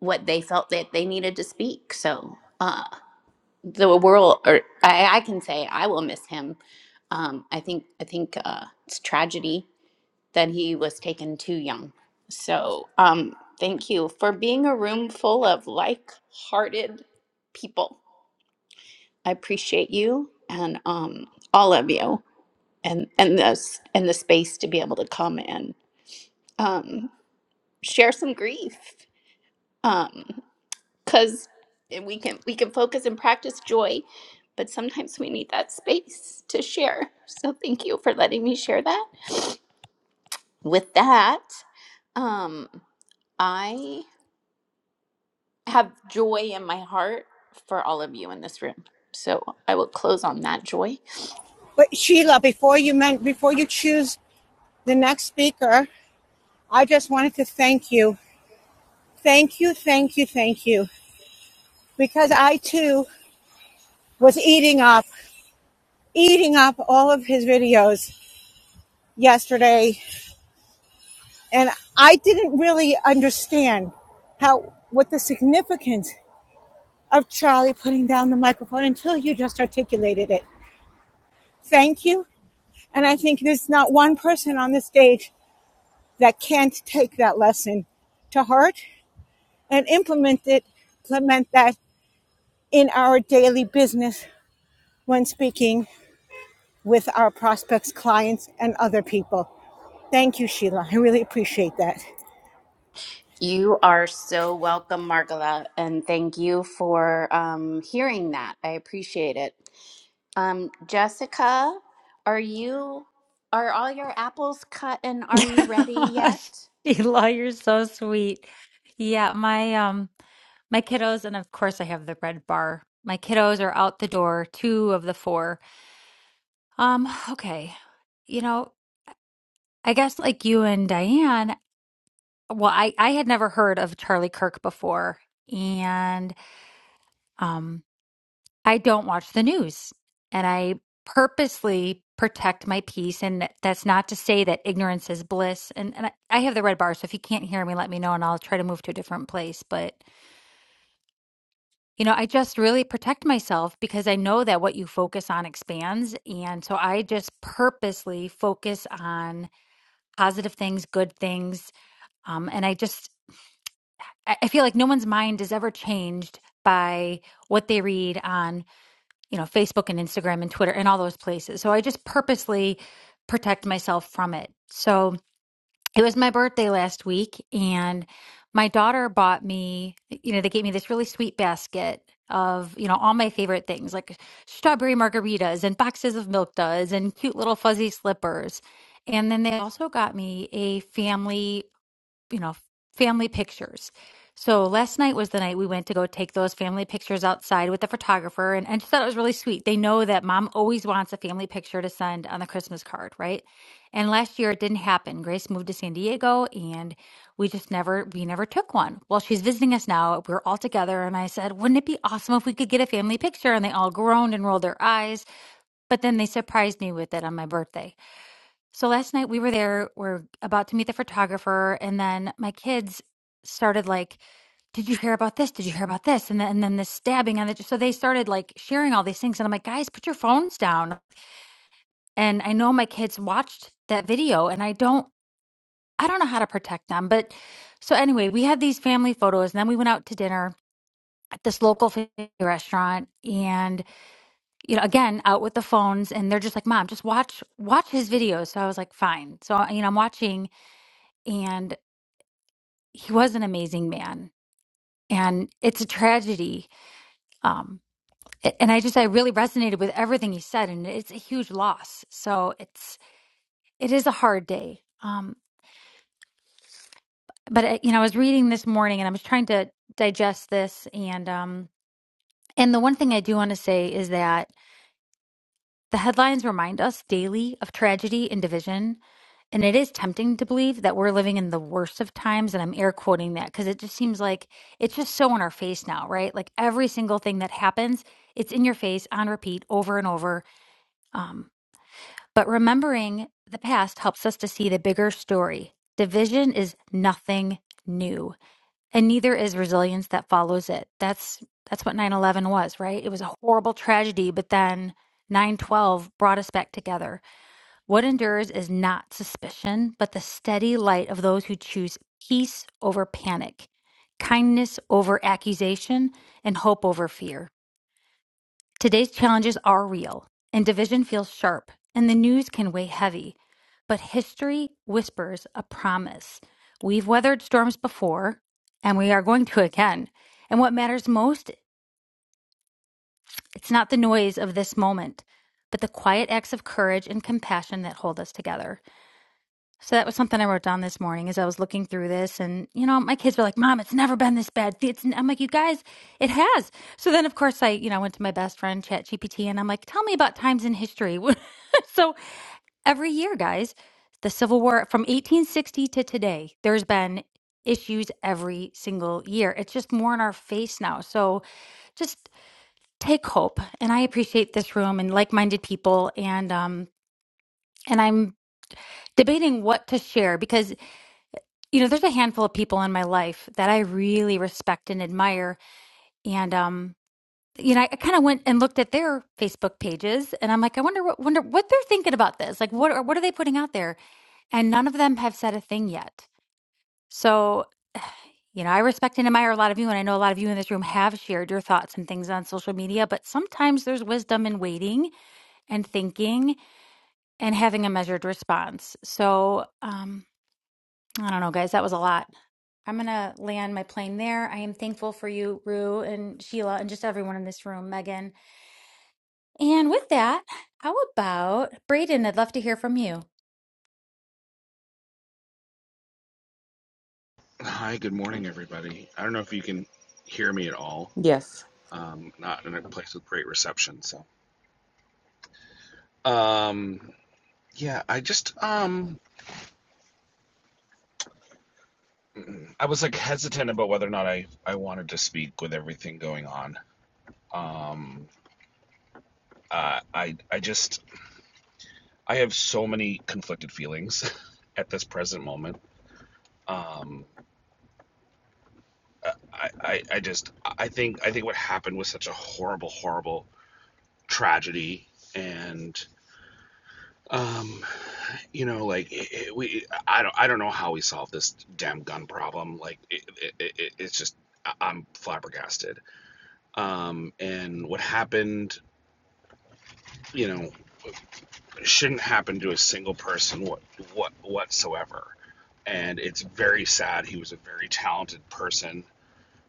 S14: what they felt that they needed to speak. So uh, the world, or I, I can say, I will miss him. Um, I think I think uh, it's tragedy then he was taken too young. So, um, thank you for being a room full of like hearted people. I appreciate you and um, all of you and, and, this, and the space to be able to come and um, share some grief because we, can, we can focus and practice joy, but sometimes we need that space to share. So, thank you for letting me share that. With that, um, I have joy in my heart for all of you in this room. So I will close on that joy.
S10: But Sheila, before you meant before you choose the next speaker, I just wanted to thank you, thank you, thank you, thank you, because I too was eating up, eating up all of his videos yesterday. And I didn't really understand how, what the significance of Charlie putting down the microphone until you just articulated it. Thank you. And I think there's not one person on the stage that can't take that lesson to heart and implement it, implement that in our daily business when speaking with our prospects, clients, and other people. Thank you, Sheila. I really appreciate that.
S14: You are so welcome, Margola, and thank you for um, hearing that. I appreciate it. Um, Jessica, are you are all your apples cut and are you ready yet?
S9: Sheila, you're so sweet. Yeah, my um my kiddos and of course I have the red bar. My kiddos are out the door, two of the four. Um, okay. You know, I guess like you and Diane, well, I I had never heard of Charlie Kirk before. And um, I don't watch the news and I purposely protect my peace. And that's not to say that ignorance is bliss. And, and I, I have the red bar. So if you can't hear me, let me know and I'll try to move to a different place. But, you know, I just really protect myself because I know that what you focus on expands. And so I just purposely focus on positive things, good things. Um, and I just, I I feel like no one's mind is ever changed by what they read on you know, Facebook and Instagram and Twitter and all those places. So I just purposely protect myself from it. So it was my birthday last week and my daughter bought me, you know, they gave me this really sweet basket of, you know, all my favorite things like strawberry margaritas and boxes of milk duds and cute little fuzzy slippers. And then they also got me a family you know, family pictures. So last night was the night we went to go take those family pictures outside with the photographer. And I just thought it was really sweet. They know that mom always wants a family picture to send on the Christmas card, right? And last year it didn't happen. Grace moved to San Diego and we just never, we never took one. Well, she's visiting us now. We're all together. And I said, wouldn't it be awesome if we could get a family picture? And they all groaned and rolled their eyes. But then they surprised me with it on my birthday. So last night we were there, we're about to meet the photographer, and then my kids started like, Did you hear about this? Did you hear about this? And then and then the stabbing and the, so they started like sharing all these things. And I'm like, guys, put your phones down. And I know my kids watched that video and I don't I don't know how to protect them. But so anyway, we had these family photos and then we went out to dinner at this local family restaurant and you know again out with the phones and they're just like mom just watch watch his videos so i was like fine so you know i'm watching and he was an amazing man. And it's a tragedy. Um, a- and I just I really resonated with everything he said, and it's a huge loss. So it's it is a hard day. Um, but uh, you know, I was reading this morning, and I was trying to digest this, and um, and the one thing I do want to say is that The headlines remind us daily of tragedy and division, and it is tempting to believe that we're living in the worst of times. And I'm air quoting that because it just seems like it's just so in our face now, right? Like every single thing that happens, it's in your face on repeat over and over. Um, but remembering the past helps us to see the bigger story. Division is nothing new and neither is resilience that follows it that's that's what 9-11 was right it was a horrible tragedy but then 9-12 brought us back together what endures is not suspicion but the steady light of those who choose peace over panic kindness over accusation and hope over fear Today's challenges are real, and division feels sharp, and the news can weigh heavy. But history whispers a promise. We've weathered storms before, and we are going to again. And what matters most, it's not the noise of this moment, but the quiet acts of courage and compassion that hold us together. So that was something I wrote down this morning as I was looking through this. And, you know, my kids were like, Mom, it's never been this bad. It's, I'm like, you guys, it has. So then, of course, I, you know, went to my best friend, ChatGPT, and I'm like, tell me about times in history. so every year, guys, the Civil War from 1860 to today, there's been issues every single year. It's just more in our face now. So just take hope. And I appreciate this room and like minded people. And, um, and I'm debating what to share because You know, there's a handful of people in my life that I really respect and admire. And um, you know, I, I kind of went and looked at their Facebook pages and I'm like, I wonder what wonder what they're thinking about this. Like what are what are they putting out there? And none of them have said a thing yet. So, you know, I respect and admire a lot of you, and I know a lot of you in this room have shared your thoughts and things on social media, but sometimes there's wisdom in waiting and thinking and having a measured response. So, um, I don't know, guys, that was a lot. I'm going to land my plane there. I am thankful for you, Rue and Sheila, and just everyone in this room, Megan. And with that, how about Brayden? I'd love to hear from you.
S15: Hi, good morning, everybody. I don't know if you can hear me at all.
S1: Yes,
S15: Um, not in a place with great reception, so. Um, yeah, I just um, I was like hesitant about whether or not I I wanted to speak with everything going on. Um, uh, I I just I have so many conflicted feelings at this present moment. Um, I, I I just I think I think what happened was such a horrible, horrible tragedy, and um you know like it, it- we i don't i don't know how we solve this damn gun problem like it, it, it, it- it's just I- i'm flabbergasted um and what happened you know shouldn't happen to a single person what what whatsoever and it's very sad he was a very talented person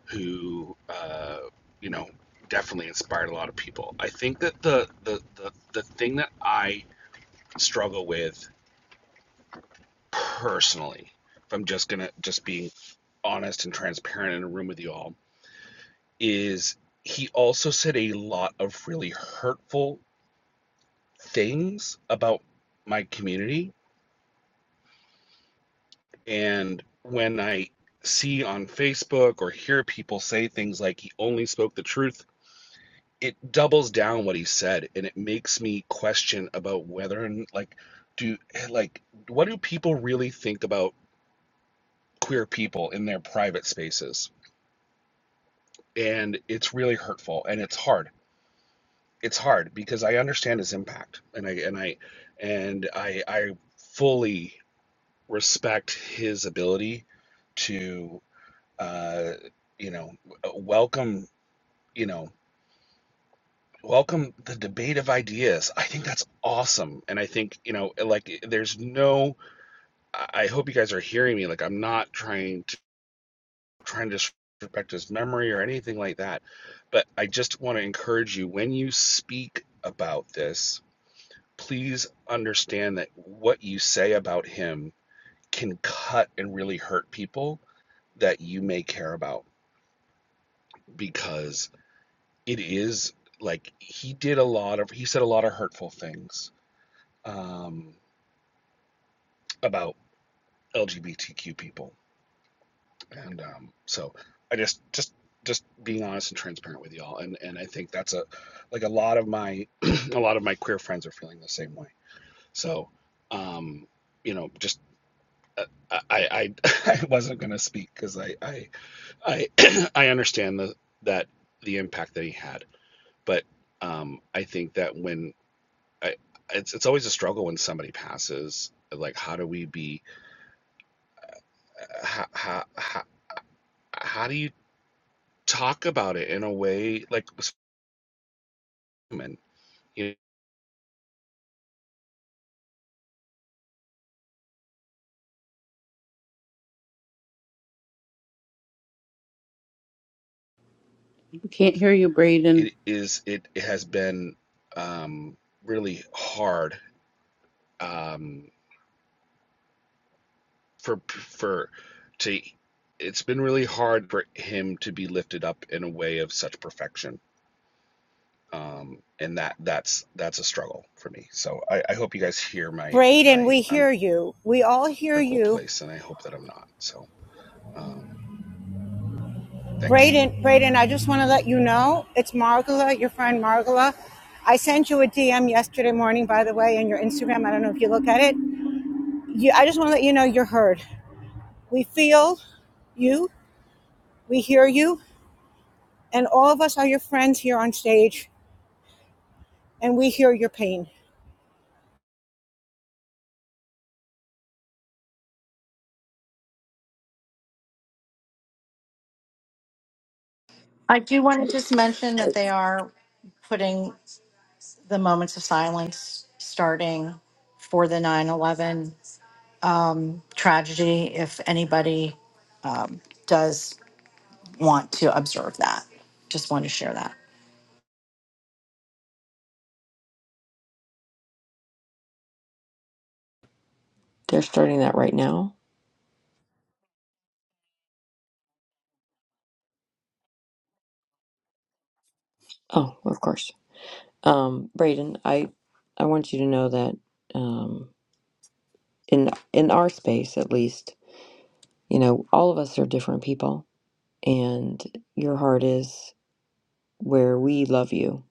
S15: who uh you know definitely inspired a lot of people i think that the the the, the thing that i struggle with personally, if I'm just gonna just being honest and transparent in a room with you all, is he also said a lot of really hurtful things about my community. And when I see on Facebook or hear people say things like he only spoke the truth, it doubles down what he said and it makes me question about whether and like do like what do people really think about queer people in their private spaces? and it's really hurtful and it's hard. It's hard because I understand his impact and I and I and I I fully respect his ability to uh you know welcome you know welcome the debate of ideas i think that's awesome and i think you know like there's no i hope you guys are hearing me like i'm not trying trying to disrespect his memory or anything like that. But I just want to encourage you when you speak about this, please understand that what you say about him can cut and really hurt people that you may care about because it is like he did a lot of, he said a lot of hurtful things um, about LGBTQ people. and um, so I just just just being honest and transparent with y'all, and and I think that's a like a lot of my a lot of my queer friends are feeling the same way. So, um, you know, just uh, I I I wasn't gonna speak because I I I I understand the that the impact that he had, but um, I think that when I it's it's always a struggle when somebody passes. Like, how do we be? uh, How how how, how do you talk about it in a way like human. You
S5: We can't hear you, Braden.
S15: It is it, it has been um, really hard um, for for to it's been really hard for him to be lifted up in a way of such perfection. Um, and that that's that's a struggle for me. So I, I hope you guys hear my
S10: Braden,
S15: my
S10: we
S15: I'm
S10: hear you. We all hear
S15: technical
S10: you.
S15: place, and I hope that I'm not. So um, thanks.
S10: Braden, Braden, I just want to let you know it's Margola, your friend Margola. I sent you a DM yesterday morning, by the way, in your Instagram. I don't know if you look at it. You, I just want to let you know you're heard. We feel you, we hear you, and all of us are your friends here on stage, and we hear your pain.
S16: I do want to just mention that they are putting the moments of silence starting for the 9 11 tragedy if anybody um, does want to observe that. Just want to share that.
S1: they're starting that right now. Oh, of course. Um, Braden, I I want you to know that um, in in our space, at least, you know, all of us are different people, and your heart is where we love you,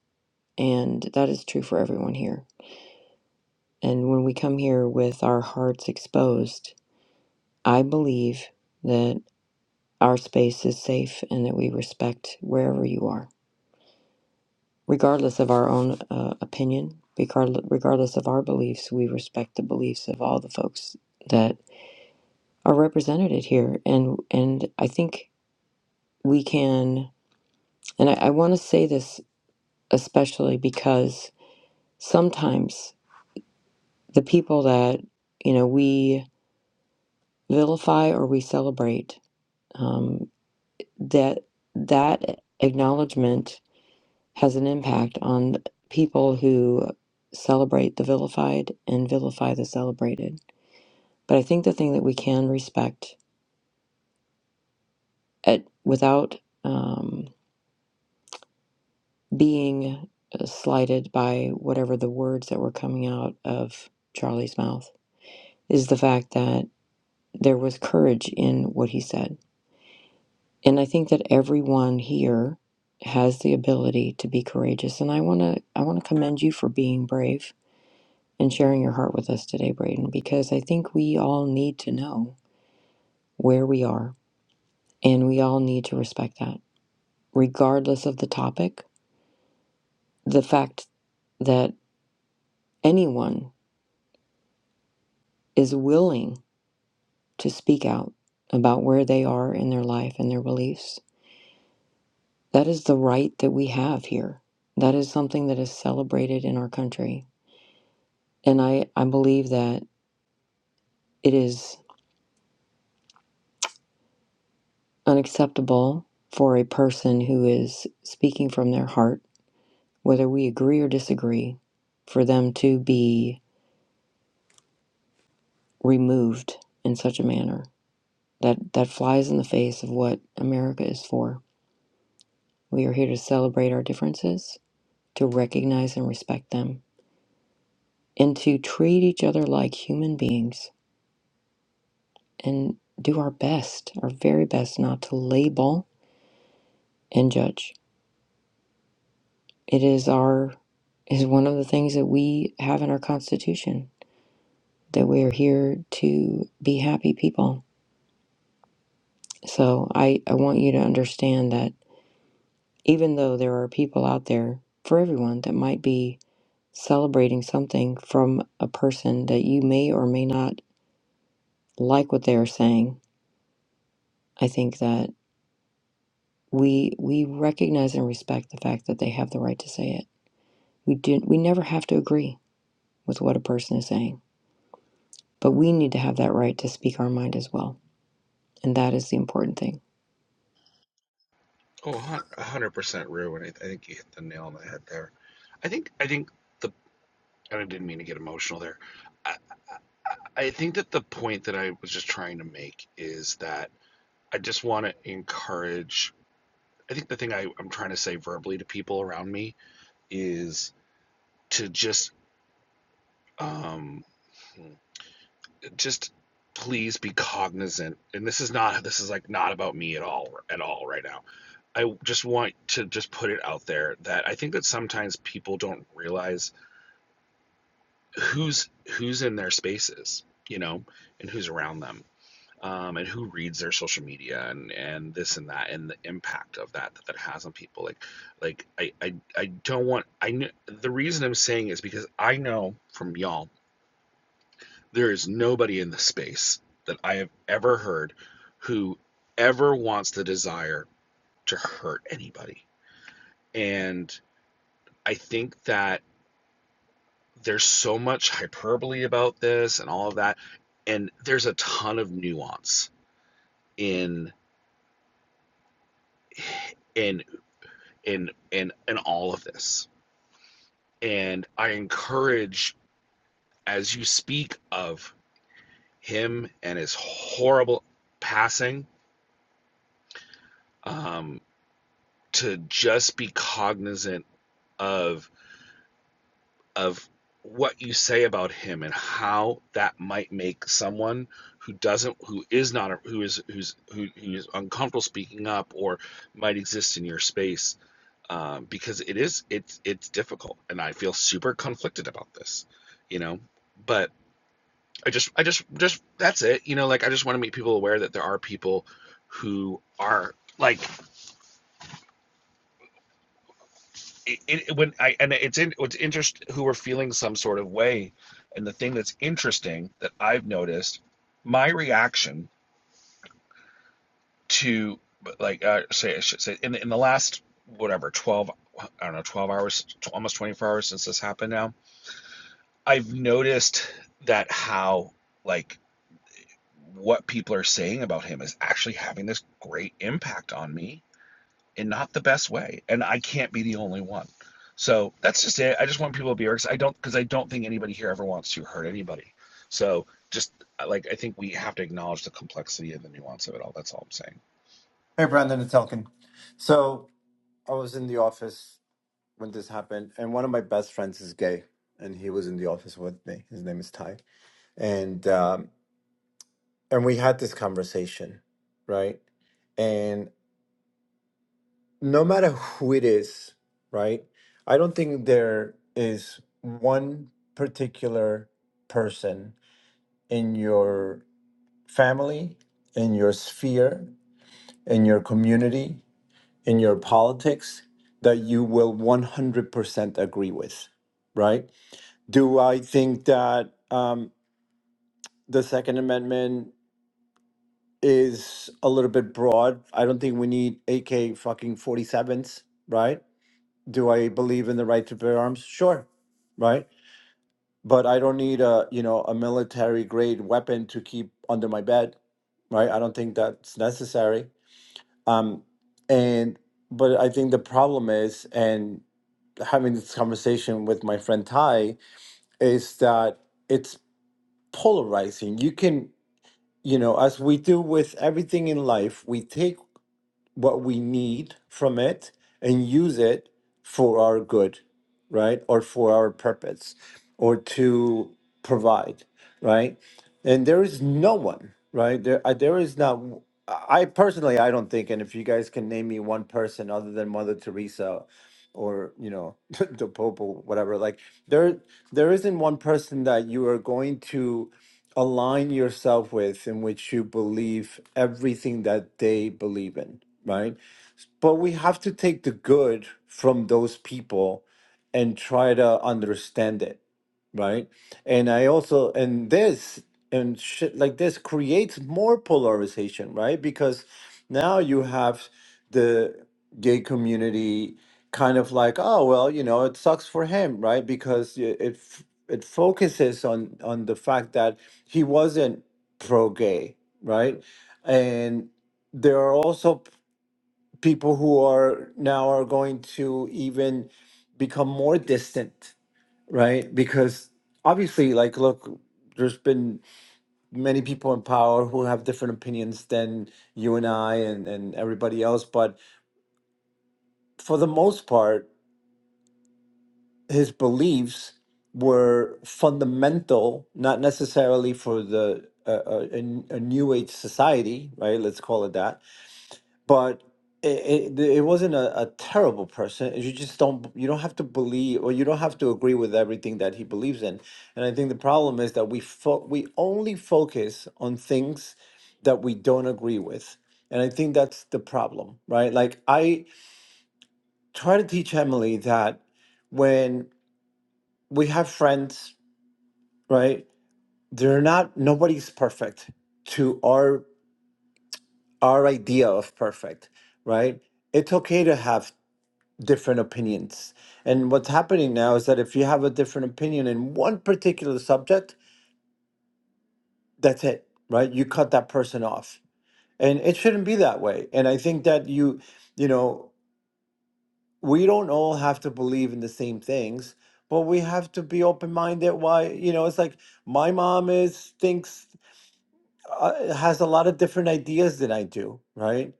S1: and that is true for everyone here. And when we come here with our hearts exposed, I believe that. our space is safe and that we respect wherever you are, regardless of our own uh, opinion, regard- regardless of our beliefs. We respect the beliefs of all the folks that are represented here, and and I think we can. And I, I want to say this especially because sometimes the people that you know we vilify or we celebrate um, that that acknowledgement has an impact on people who celebrate the vilified and vilify the celebrated. But I think the thing that we can respect at, without um, being uh, slighted by whatever the words that were coming out of Charlie's mouth is the fact that there was courage in what he said. And I think that everyone here has the ability to be courageous and I want to I want to commend you for being brave and sharing your heart with us today, Braden, because I think we all need to know where we are and we all need to respect that, regardless of the topic. The fact that anyone is willing to speak out about where they are in their life and their beliefs, that is the right that we have here. That is something that is celebrated in our country. And I, I believe that it is unacceptable for a person who is speaking from their heart whether we agree or disagree, for them to be removed in such a manner that that flies in the face of what America is for. We are here to celebrate our differences, to recognize and respect them, and to treat each other like human beings and do our best, our very best not to label and judge. It is our is one of the things that we have in our constitution that we are here to be happy people So I, I want you to understand that even though there are people out there for everyone that might be celebrating something from a person that you may or may not like what they are saying, I think that we we recognize and respect the fact that they have the right to say it. We do we never have to agree with what a person is saying, but we need to have that right to speak our mind as well. And that is the important thing.
S15: Oh, a hundred percent, Rue, and I think you hit the nail on the head there. I think I think the and I didn't mean to get emotional there. I think that the point that I was just trying to make is that I just want to encourage. I think the thing I, I'm trying to say verbally to people around me is to just, um, just please be cognizant. And this is not, this is like not about me at all, at all right now. I just want to just put it out there that I think that sometimes people don't realize who's who's in their spaces, you know, and who's around them. um, and who reads their social media and and this and that and the impact of that that, that has on people like like I, I i don't want i kn- the reason i'm saying is because i know from y'all there is nobody in the space that i have ever heard who ever wants the desire to hurt anybody and i think that there's so much hyperbole about this and all of that and there's a ton of nuance in in in in in all of this. And I encourage as you speak of him and his horrible passing, um, to just be cognizant of of what you say about him and how that might make someone who doesn't who is not who is who's who, who is uncomfortable speaking up or might exist in your space um, because it is it's it's difficult, and I feel super conflicted about this, you know. But I just I just just that's it, you know. Like I just want to make people aware that there are people who are like it, it, when I and it's in it's interest who are feeling some sort of way, and the thing that's interesting that I've noticed my reaction to like uh, say I should say in in the last whatever 12 I don't know 12 hours almost 24 hours since this happened now I've noticed that how like what people are saying about him is actually having this great impact on me in not the best way, and I can't be the only one. So that's just it. I just want people to be because I don't because I don't think anybody here ever wants to hurt anybody. So just uh, like I think we have to acknowledge the complexity and the nuance of it all. That's all I'm saying.
S12: Hey, Brandon, it's Elkin. So I was in the office when this happened, and one of my best friends is gay, and he was in the office with me. His name is Ty, and um, and we had this conversation, right? no matter who it is, right? I don't think there is one particular person in your family, in your sphere, in your community, in your politics that you will 100% agree with, right? Do I think that um, the Second Amendment is a little bit broad? I don't think we need AK fucking 47s, right? do I believe in the right to bear arms? Sure, right. But I don't need a you know a military grade weapon to keep under my bed, right? I don't think that's necessary. Um, and but I think the problem is, and having this conversation with my friend Ty is that it's polarizing. You can you know as we do with everything in life, we take what we need from it and use it for our good, right? Or for our purpose or to provide, right? And there is no one, right? There, uh, there is not. I personally, I don't think, and if you guys can name me one person other than Mother Teresa, or you know, the Pope or whatever, like there, there isn't one person that you are going to align yourself with in which you believe everything that they believe in, right? But we have to take the good from those people and try to understand it right? And I also and this and shit like this creates more polarization, right? Because now you have the gay community kind of like, oh well, you know, it sucks for him, right? Because it it, f- it focuses on on the fact that he wasn't pro gay, right? And there are also p- people who are now are going to even become more distant right? Because obviously, like, look, there's been many people in power who have different opinions than you and I and, and everybody else. But for the most part, his beliefs were fundamental, not necessarily for the uh, uh, a, a new age society, right? Let's call it that but it, it, it wasn't a, a terrible person you just don't you don't have to believe or you don't have to agree with everything that he believes in and i think the problem is that we fo- we only focus on things that we don't agree with and i think that's the problem right like i try to teach emily that when we have friends right they're not nobody's perfect to our our idea of perfect right it's okay to have different opinions. And what's happening now is that if you have a different opinion in one particular subject, that's it, right? You cut that person off. And it shouldn't be that way. And I think that you, you know, we don't all have to believe in the same things, but we have to be open-minded. Why, you know, it's like my mom is thinks uh, has a lot of different ideas than I do, right?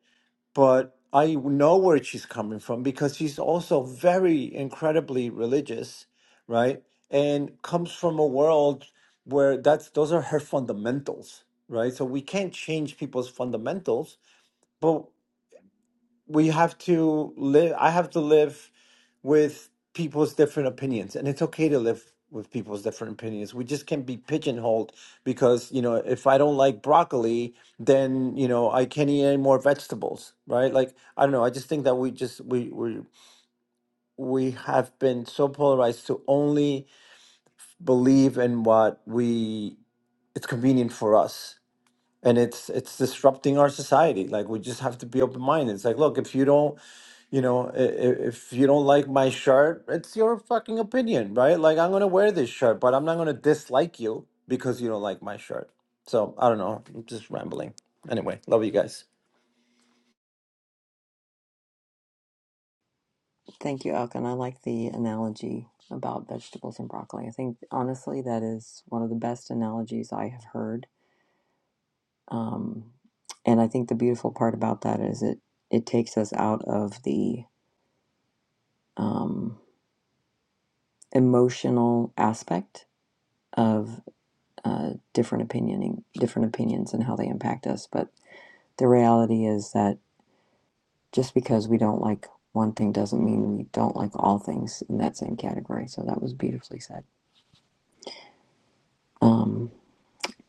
S12: but I know where she's coming from because she's also very incredibly religious, right? And comes from a world where that's those are her fundamentals, right? So we can't change people's fundamentals, but we have to live i have to live with people's different opinions and it's okay to live with people's different opinions we just can't be pigeonholed because you know if i don't like broccoli then you know i can't eat any more vegetables right like i don't know i just think that we just we we we have been so polarized to only believe in what we it's convenient for us and it's it's disrupting our society like we just have to be open minded it's like look if you don't you know, i- i- if you don't like my shirt, it's your fucking opinion, right? Like, I'm gonna wear this shirt, but I'm not gonna dislike you because you don't like my shirt. So I don't know. I'm just rambling. Anyway, love you guys.
S1: Thank you, Elkin. I like the analogy about vegetables and broccoli. I think honestly that is one of the best analogies I have heard. Um, and I think the beautiful part about that is it it takes us out of the um, emotional aspect of uh, different opinioning, different opinions, and how they impact us. But the reality is that just because we don't like one thing doesn't mean we don't like all things in that same category. So that was beautifully said. Um,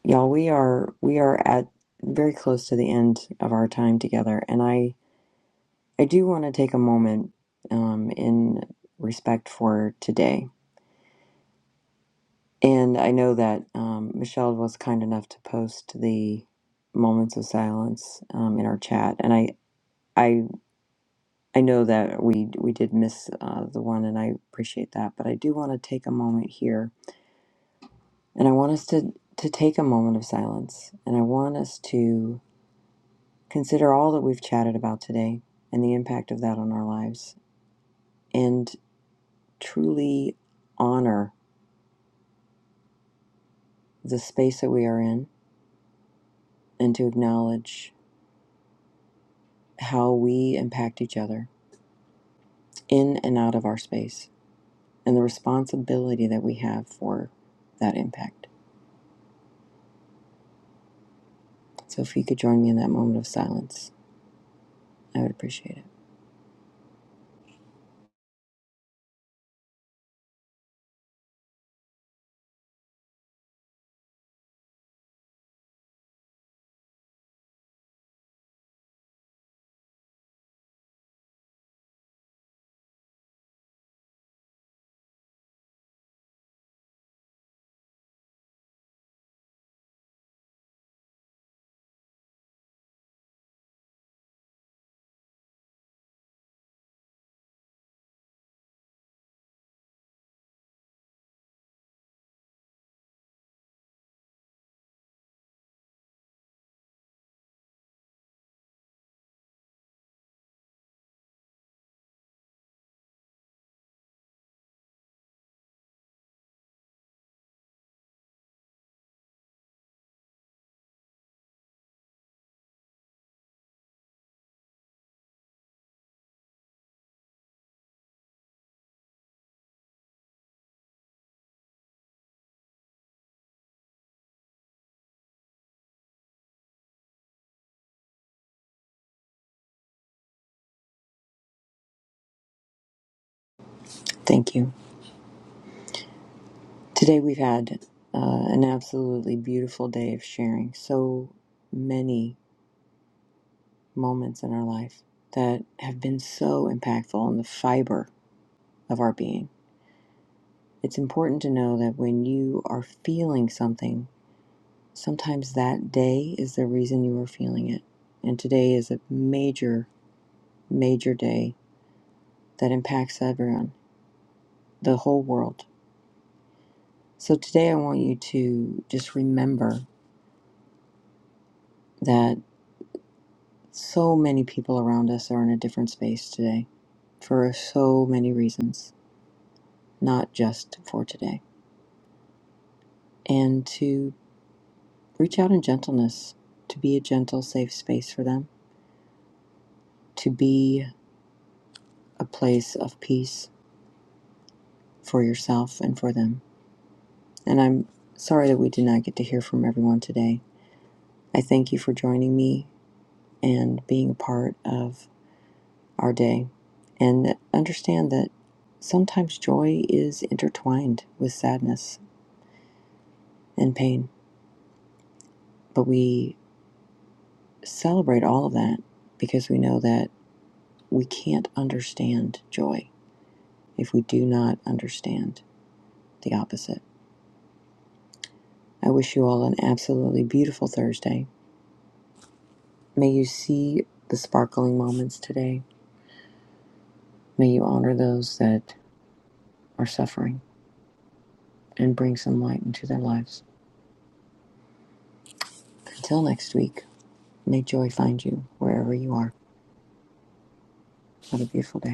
S1: Y'all, we are we are at very close to the end of our time together, and I I do want to take a moment um, in respect for today. And I know that um, Michelle was kind enough to post the moments of silence um, in our chat, and I I I know that we we did miss uh, the one, and I appreciate that. But I do want to take a moment here, and I want us to to take a moment of silence, and I want us to. Consider all that we've chatted about today and the impact of that on our lives, and truly honor the space that we are in and to acknowledge how we impact each other in and out of our space and the responsibility that we have for that impact. So, if you could join me in that moment of silence, I would appreciate it. Thank you. Today, we've had uh, an absolutely beautiful day of sharing so many moments in our life that have been so impactful on the fiber of our being. It's important to know that when you are feeling something, sometimes that day is the reason you are feeling it. And today is a major, major day that impacts everyone, the whole world. So today I want you to just remember that so many people around us are in a different space today for so many reasons, not just for today. And to reach out in gentleness to be a gentle, safe space for them, to be a place of peace for yourself and for them. And I'm sorry that we did not get to hear from everyone today. I thank you for joining me and being a part of our day. And understand that sometimes joy is intertwined with sadness and pain, but we celebrate all of that because we know that we can't understand joy if we do not understand the opposite. I wish you all an absolutely beautiful Thursday. May you see the sparkling moments today. May you honor those that are suffering and bring some light into their lives. Until next week, may joy find you wherever you are. Have a beautiful day.